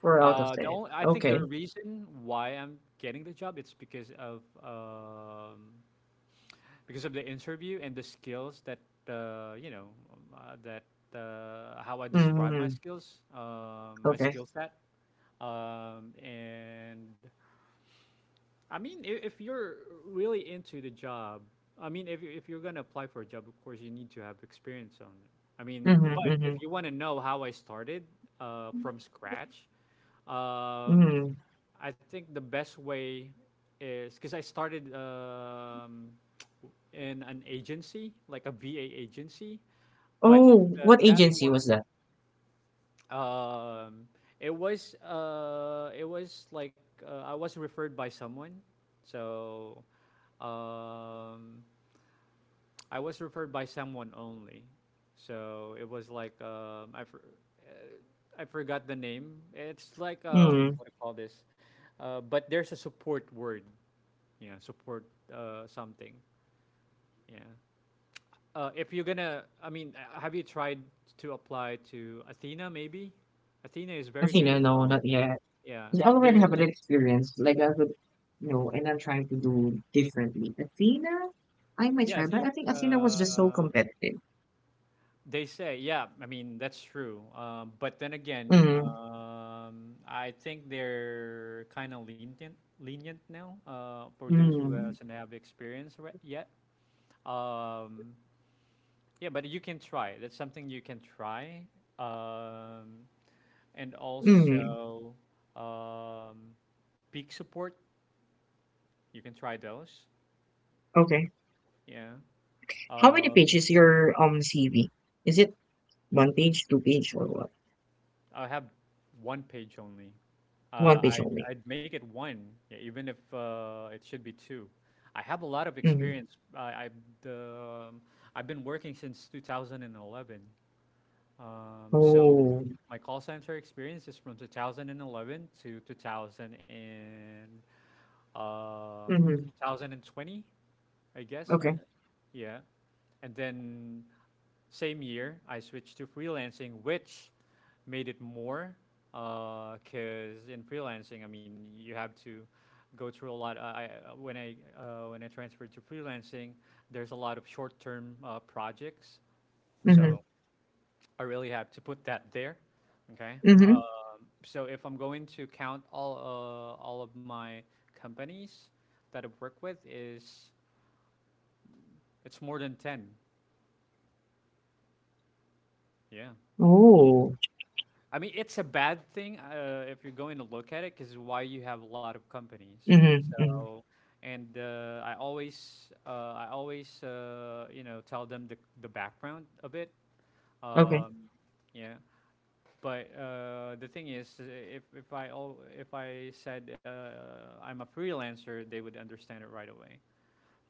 S1: Four out of
S2: The
S1: ten.
S2: only, I think the
S1: Okay.
S2: reason why I'm getting the job, it's because of the interview and the skills that, that how I describe my
S1: Mm,
S2: skills, my
S1: okay.
S2: skill set, and I mean, if you're really into the job, I mean, if you're gonna apply for a job, of course you need to have experience on it. I mean,
S1: Mm-hmm,
S2: but
S1: mm-hmm,
S2: if you want to know how I started from scratch, um,
S1: mm.
S2: I think the best way is because I started, in an agency, like a VA agency, but
S1: Oh, what
S2: that
S1: agency was
S2: one,
S1: that?
S2: um, it was like, I was referred by someone, so um, I was referred by someone only. So it was like, I forgot the name. It's like,
S1: Mm.
S2: what do you call this? But there's a support word, yeah, support something, yeah. If you're gonna, I mean, have you tried to apply to Athena? Maybe Athena is
S1: I
S2: very
S1: think
S2: good
S1: no,
S2: as
S1: no,
S2: well.
S1: not yet.
S2: Yeah,
S1: I already have
S2: there.
S1: an experience, like as a you know, and I'm trying to do differently. Athena, I might
S2: Yeah, I
S1: try, but I
S2: think
S1: think Athena was just so competitive.
S2: they say. Yeah, I mean that's true. But then again,
S1: Mm,
S2: I think they're kind of lenient now for those who
S1: mm,
S2: hasn't have experience yet. Um, yeah, but you can try. That's something you can try. Um, and
S1: mm.
S2: also um, peak support. You can try those.
S1: Okay.
S2: Yeah.
S1: How many
S2: Um,
S1: pages your CV? Is it one page, two page, or what?
S2: I have one page only.
S1: One page only.
S2: I'd make it one, yeah, even if it should be two. I have a lot of
S1: Mm-hmm.
S2: experience. The um, I've been working since 2011. So
S1: Oh.
S2: my call center experience is from 2011 to 2000 and um,
S1: Mm-hmm.
S2: 2020, I guess.
S1: Okay.
S2: Yeah, and then same year, I switched to freelancing, which made it more because, in freelancing, I mean, you have to go through a lot. I when I when I transferred to freelancing, there's a lot of short-term projects, so
S1: Mm-hmm.
S2: I really have to put that there. Okay.
S1: Mm-hmm.
S2: So if I'm going to count all of my companies that I've worked with, is it's more than ten. Yeah.
S1: Oh.
S2: I mean, it's a bad thing if you're going to look at it, because why you have a lot of companies.
S1: Mm-hmm. Mm-hmm.
S2: So, and I always, tell them the background of it.
S1: Okay.
S2: Um, yeah, but the thing is, if if I said I'm a freelancer, they would understand it right away.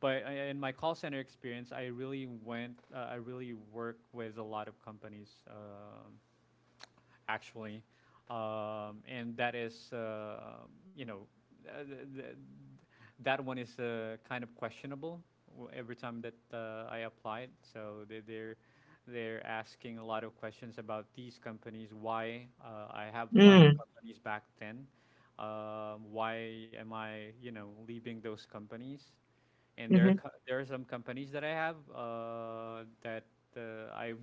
S2: But in my call center experience, I really I really work with a lot of companies. Actually, and that is, you know, uh, th- th- that one is kind of questionable every time that I applied. So they're asking a lot of questions about these companies. Why I have a lot of
S1: Mm.
S2: companies back then. Why am I, you know, leaving those companies? And there are
S1: Mm-hmm.
S2: there are some companies that I have that I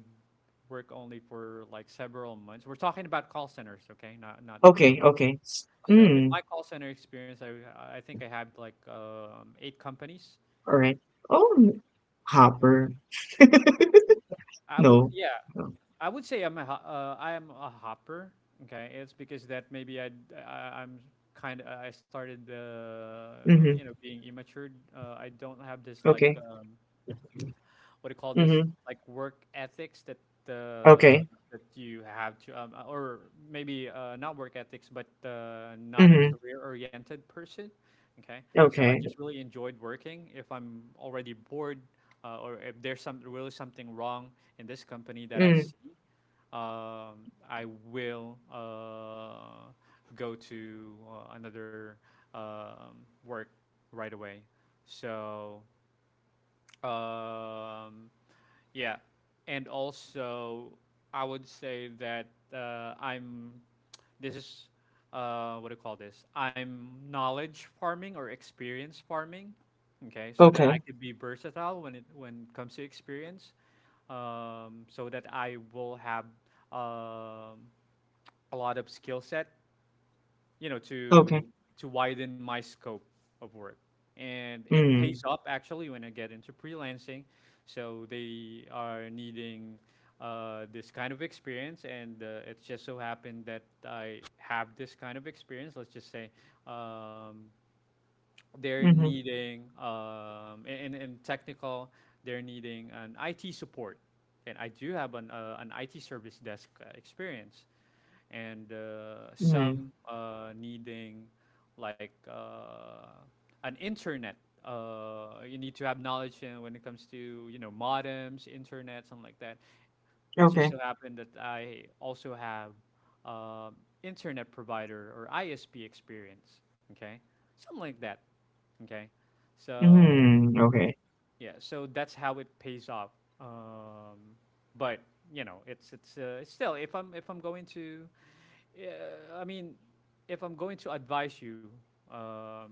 S2: work only for like several months. We're talking about call centers, okay? Not the
S1: Okay.
S2: freelance.
S1: Okay.
S2: So in
S1: Mm.
S2: my call center experience, I think I have like 8 companies.
S1: All right. Oh, Hopper.
S2: I would
S1: No.
S2: yeah, I would say I'm a I am a hopper. Okay, it's because that maybe I am kind of, I started
S1: Mhm.
S2: being immature. I don't have this like
S1: Okay.
S2: what do you call this,
S1: Mhm.
S2: like, work ethics that uh,
S1: Okay.
S2: that you have to or maybe not work ethics but not a
S1: Mhm.
S2: career oriented person, okay, so I
S1: Okay.
S2: just really enjoyed working if I'm already bored, or if there's some really something wrong in this company that I
S1: Mm.
S2: see. I will go to another work right away. so um, yeah, and also, I would say that I'm. This is what do you call this? I'm knowledge farming or experience farming. Okay, so that I
S1: Okay.
S2: could be versatile when it comes to experience, so that I will have um, a lot of skill set, you know,
S1: Okay.
S2: to widen my scope of work. And it pays
S1: Mm.
S2: up actually when I get into freelancing. So they are needing this kind of experience, and it just so happened that I have this kind of experience. Let's just say um, they're
S1: Mhm.
S2: needing in technical, they're needing an IT support, and I do have an IT service desk experience. And
S1: Mm.
S2: some needing like an internet. You need to have knowledge when it comes to, you know, modems, internet, something like that. It just
S1: Okay.
S2: so happened that I also have um internet provider or ISP experience. Okay, something like that. Okay, so
S1: Mm. Okay.
S2: yeah, so that's how it pays off. Um, but, you know, it's still, if I'm going to, yeah, I mean, if I'm going to advise you, um,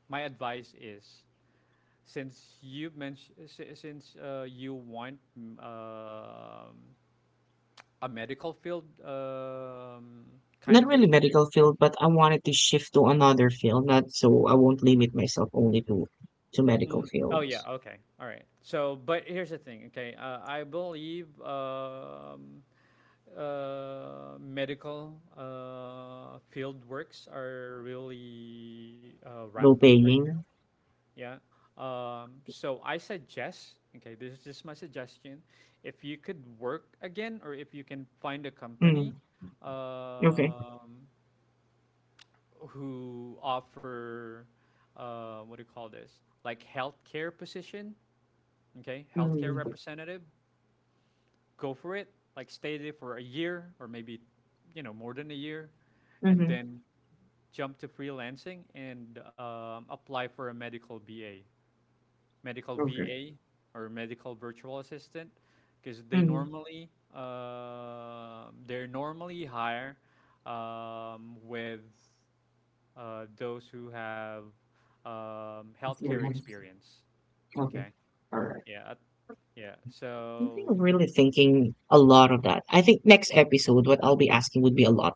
S2: my advice is, since you mentioned, since you want a medical field, kind
S1: Not
S2: of
S1: really
S2: experience.
S1: medical field, but I wanted to shift to another field, not so I won't limit myself only to medical
S2: Mm, oh yeah,
S1: fields.
S2: okay, all right. So, but here's the thing. Okay, I believe medical field works are really
S1: Low
S2: rampant, right?
S1: paying.
S2: Yeah. So I suggest, okay, this is just my suggestion. If you could work again, or if you can find a company
S1: Mm. Okay.
S2: um, who offer, what do you call this? Like healthcare position, okay, healthcare
S1: Mm.
S2: representative, go for it. Like stay there for a year, or maybe, you know, more than a year, and
S1: Mhm.
S2: then jump to freelancing and apply for a medical BA. Medical
S1: Okay.
S2: VA, or medical virtual assistant, because they
S1: Mm.
S2: normally they're normally higher with those who have
S1: It's your
S2: healthcare
S1: hands.
S2: experience.
S1: Okay.
S2: Okay.
S1: All right.
S2: Yeah. at- Yeah.
S1: I think
S2: So.
S1: I'm really thinking a lot of that. I think next episode, what I'll be asking would be a lot.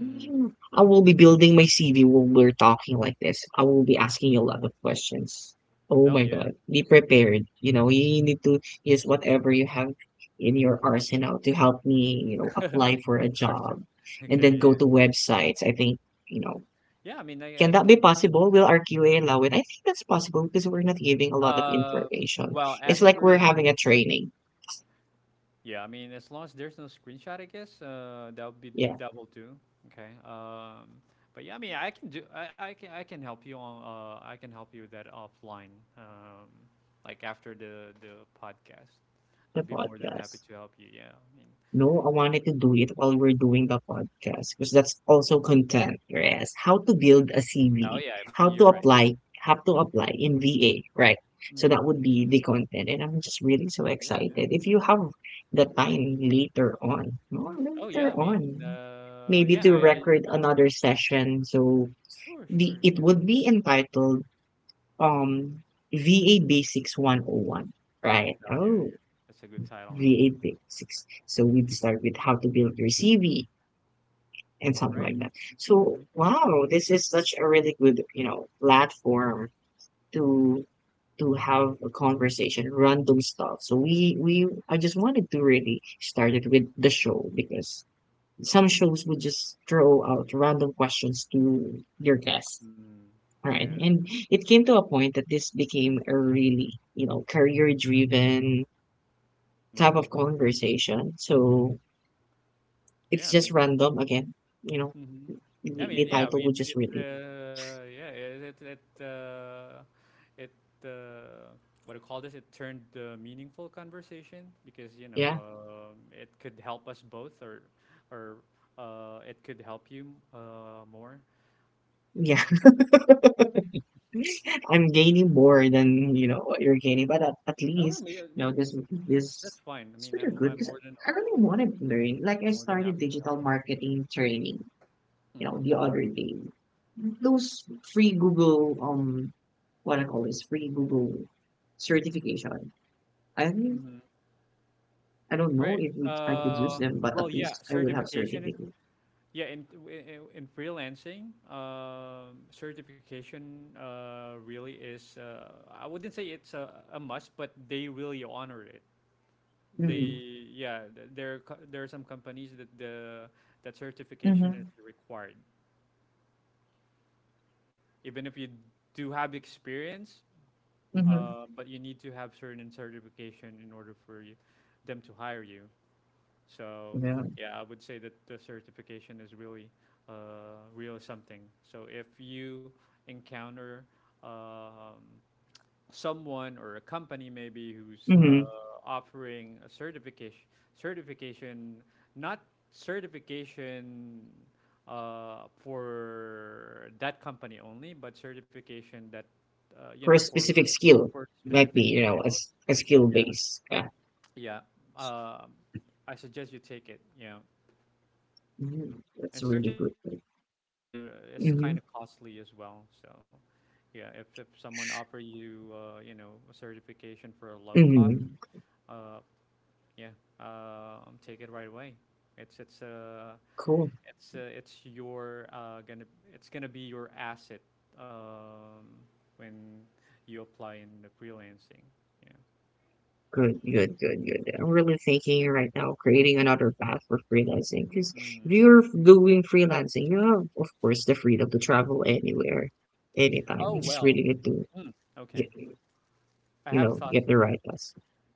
S2: Mm,
S1: Mm, I will be building my CV while we're talking like this. I will be asking you a lot of questions. Oh
S2: oh
S1: my
S2: yeah.
S1: God. Be prepared. You know, you need to use whatever you have in your arsenal to help me, you know, apply for a
S2: Arsenal.
S1: job and
S2: Okay.
S1: then
S2: Yeah.
S1: go to websites. I think, you know,
S2: Yeah. I mean,
S1: can
S2: I
S1: that be
S2: could.
S1: possible? Will our QA allow it? I think that's possible because we're not giving a lot of
S2: Um
S1: information.
S2: well,
S1: It's
S2: as
S1: like we're
S2: per,
S1: having a training.
S2: yeah, I mean, as long as there's no screenshot, I guess that would be,
S1: Yeah,
S2: that will do. Okay. But yeah, I mean, I can do. I can I can help you on. I can help you with that offline. Um, like after the podcast,
S1: the
S2: I'd be more than happy
S1: podcast.
S2: to help you. Yeah. I mean.
S1: No, I wanted to do it while we're doing the podcast because that's also content. Yes, how to build a
S2: Oh
S1: CV,
S2: yeah. I mean,
S1: how
S2: you're
S1: to
S2: right.
S1: apply, how to apply in VA, right?
S2: Yeah.
S1: So
S2: hmm
S1: that would be the content, and I'm just really so
S2: Yeah. Yeah.
S1: excited. If you have the time later on, no,
S2: Oh
S1: later
S2: yeah. I mean.
S1: on, maybe
S2: Yeah.
S1: to
S2: I.
S1: record another session. So
S2: Sure.
S1: the
S2: Sure.
S1: it
S2: Yeah.
S1: would be entitled um VA Basics 101, right?
S2: Oh yeah. Yeah.
S1: Oh,
S2: That's a good title.
S1: V8 six. So we start with how to build your CV and something
S2: Right.
S1: like that. So
S2: Mm-hmm.
S1: wow, this is such a really good, you know, platform to to have a conversation, random stuff. So we I just wanted to really start it with the show because some shows would just throw out random questions to your guests.
S2: Mm,
S1: All right.
S2: yeah.
S1: And it came to a point that this became a really, you know, career driven type of
S2: Mm,
S1: conversation. So
S2: yeah.
S1: it's
S2: I
S1: just
S2: mean.
S1: random again. You know,
S2: Mhm. I
S1: the
S2: mean, yeah, I
S1: title would
S2: mean,
S1: just
S2: it,
S1: read it.
S2: yeah, it, it, uh, what do you call this? It turned the meaningful conversation because, you know,
S1: Yeah.
S2: it could help us both, or, it could help you, more.
S1: Yeah.
S2: Yeah.
S1: I'm gaining more than, you know, what you're gaining. But at
S2: Oh, I
S1: least,
S2: mean,
S1: you know, this this
S2: that's fine. I
S1: it's
S2: mean,
S1: pretty good
S2: I'm
S1: because I really want to learn. Like I
S2: more than
S1: started
S2: happy to help.
S1: digital marketing training,
S2: You.
S1: you know,
S2: Mm.
S1: the other day. Those free Google what I call is free Google certification. I think-
S2: hmm
S1: I don't know
S2: Right.
S1: if we, I could use
S2: Uh,
S1: them, but
S2: well,
S1: at
S2: yeah,
S1: least I would have
S2: certification.
S1: certificate.
S2: Yeah, in freelancing, certification really is. I wouldn't say it's a must, but they really honor it. They,
S1: Mm-hmm.
S2: yeah, th- there are co- there are some companies that the that certification is
S1: Mm-hmm.
S2: required, even if you do have experience,
S1: Mm-hmm.
S2: but you need to have certain certification in order for you, them to hire you. So
S1: Yeah.
S2: yeah, I would say that the certification is really real something. So if you encounter um, someone or a company maybe who's
S1: Mhm.
S2: offering a certification, certification, not certification for that company only, but certification that you
S1: For
S2: know,
S1: a specific skill.
S2: for
S1: It might be,
S2: specific
S1: you know, a,
S2: skills.
S1: a skill
S2: Yeah,
S1: base. Yeah.
S2: yeah. Um, I suggest you take it. Yeah.
S1: Mhm. That's a
S2: And
S1: really good thing.
S2: certification is
S1: Mm-hmm.
S2: kind of costly as well. So, yeah, if someone offer you you know, a certification for a low cost,
S1: Mm-hmm.
S2: uh, yeah, uh, take it right away. It's it's uh
S1: Cool.
S2: it's your gonna, it's gonna be your asset um, when you apply in the freelancing. Yeah.
S1: Good. I'm really thinking right now creating another path for freelancing because if
S2: Mm.
S1: you're doing freelancing, you have, of course, the freedom to travel anywhere, anytime.
S2: Oh
S1: You just
S2: well.
S1: really get to
S2: Mm,
S1: get,
S2: okay. I
S1: you
S2: have
S1: know,
S2: thoughts
S1: get the
S2: on
S1: right
S2: that.
S1: path.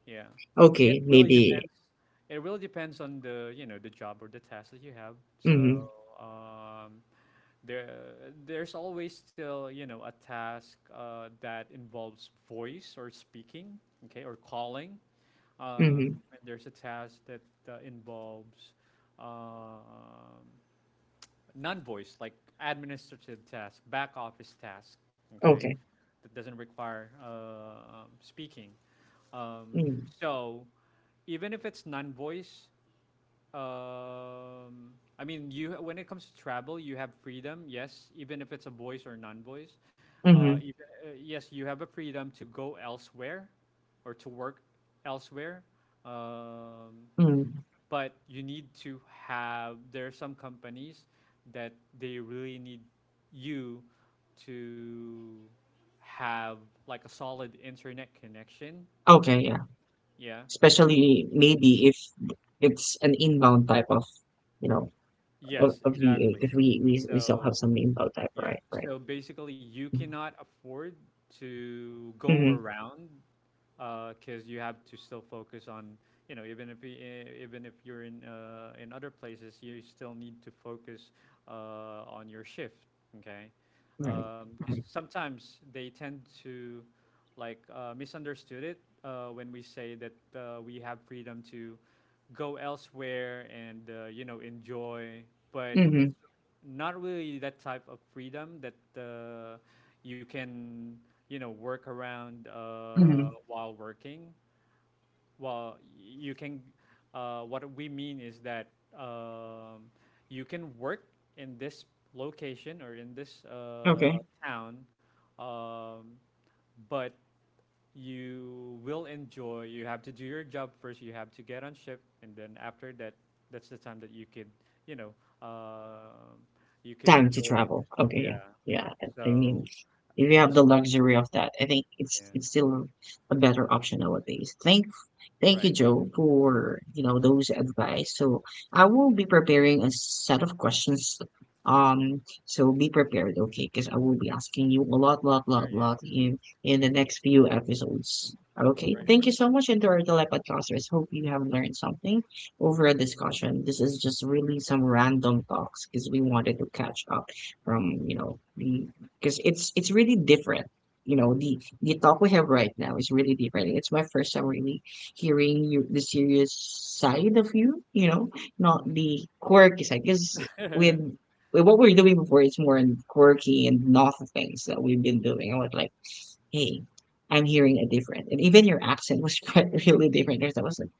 S2: Yeah.
S1: Okay,
S2: It really
S1: maybe.
S2: depends. It really depends on the, you know, the job or the task that you have.
S1: Mm-hmm.
S2: So, um, there, there's always still, you know, a task that involves voice or speaking, okay, or calling.
S1: Mm-hmm.
S2: And there's a task that involves um, non-voice, like administrative task, back office task, okay,
S1: Okay.
S2: that doesn't require speaking. Um,
S1: Mm-hmm.
S2: so even if it's non-voice, I mean, you when it comes to travel, you have freedom. Yes, even if it's a voice or non-voice, uh,
S1: Mm-hmm.
S2: even, yes, you have a freedom to go elsewhere or to work elsewhere. Um,
S1: Mm-hmm.
S2: but you need to have, there are some companies that they really need you to have like a solid internet connection,
S1: Okay, yeah.
S2: yeah,
S1: Especially maybe if it's an inbound type of, you know, of,
S2: yes,
S1: of VA,
S2: exactly.
S1: because we still have
S2: So
S1: some inbound type,
S2: yeah,
S1: right? Right.
S2: so basically you cannot afford to go
S1: Mm-hmm.
S2: around, because you have to still focus on, you know, even if you're in other places, you still need to focus on your shift, okay,
S1: Right.
S2: because
S1: Mm-hmm.
S2: sometimes they tend to like misunderstood it when we say that we have freedom to go elsewhere and you know, enjoy, but
S1: Mm-hmm.
S2: it's not really that type of freedom that you can, you know, work around
S1: Mm-hmm.
S2: while working. Well, you can, what we mean is that um, you can work in this location or in this
S1: Okay.
S2: town, um, but you will enjoy. You have to do your job first. You have to get on ship, and then after that, that's the time that you can, you know, uh, you can
S1: Time to
S2: enjoy.
S1: travel. Okay. Yeah.
S2: Yeah.
S1: Yeah. I mean,
S2: So
S1: if you
S2: you.
S1: have
S2: S-
S1: the luxury of that, I think
S2: Yeah.
S1: it's still a better option nowadays. Thank you,
S2: Right.
S1: Joe, for you know those advice. So I will be preparing a set of questions. So be prepared, okay? Because I will be asking you a lot, lot,
S2: Sure.
S1: lot,
S2: Yeah.
S1: lot in the next few episodes. Okay.
S2: Right.
S1: Thank you
S2: Right.
S1: so much, and to our telepodcasters. Hope you have learned something over a discussion. This is just really some random talks because we wanted to catch up from you know the because it's really different you know the talk we have right now is really different it's my first time really hearing you, the serious side of you, you know, not
S2: Mhm.
S1: the quirky side. Because with, with what we're doing before, it's more in quirky and novel things that we've been doing. I was like, hey, I'm hearing a different. And even your accent was quite really different. There's that was like, I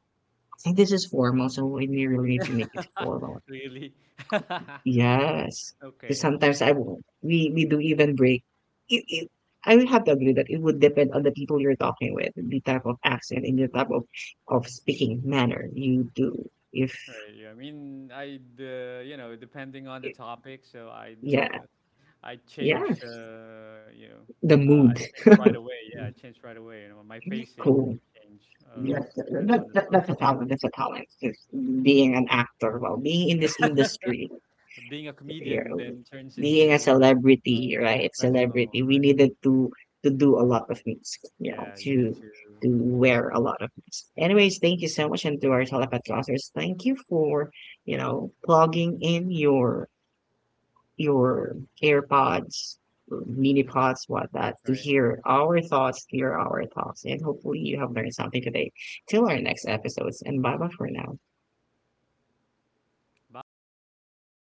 S1: think this is formal, so we really need really to make it formal.
S2: Really?
S1: Yes, because
S2: Okay.
S1: sometimes I won't we do even break. It I will have to agree that it would depend on the people you're talking with, the type of accent and the type of speaking manner you do.
S2: Right. Yeah. I mean, I'd you know, depending on the
S1: If-
S2: topic, so I'd
S1: yeah,
S2: I change,
S1: yes,
S2: you know,
S1: the
S2: I
S1: mood.
S2: change right away. Yeah, I change right away. You know, my facing
S1: Cool.
S2: change depends on the
S1: That's a
S2: topic.
S1: talent. That's a talent. Just being an actor, well, being in this industry.
S2: Being a
S1: Your
S2: comedian
S1: own.
S2: then turns
S1: Being a
S2: into
S1: celebrity, right?
S2: professional.
S1: Celebrity, we needed to do a lot of things, you know,
S2: Yeah, you need to.
S1: to wear a lot of things. Anyways, thank you so much, and to our telepath listeners, thank you for you know plugging in your AirPods, mini pods, what that to
S2: Right.
S1: hear our thoughts, to hear our thoughts, and hopefully you have learned something today. Till our next episodes, and bye bye for now.
S2: Bye, guys.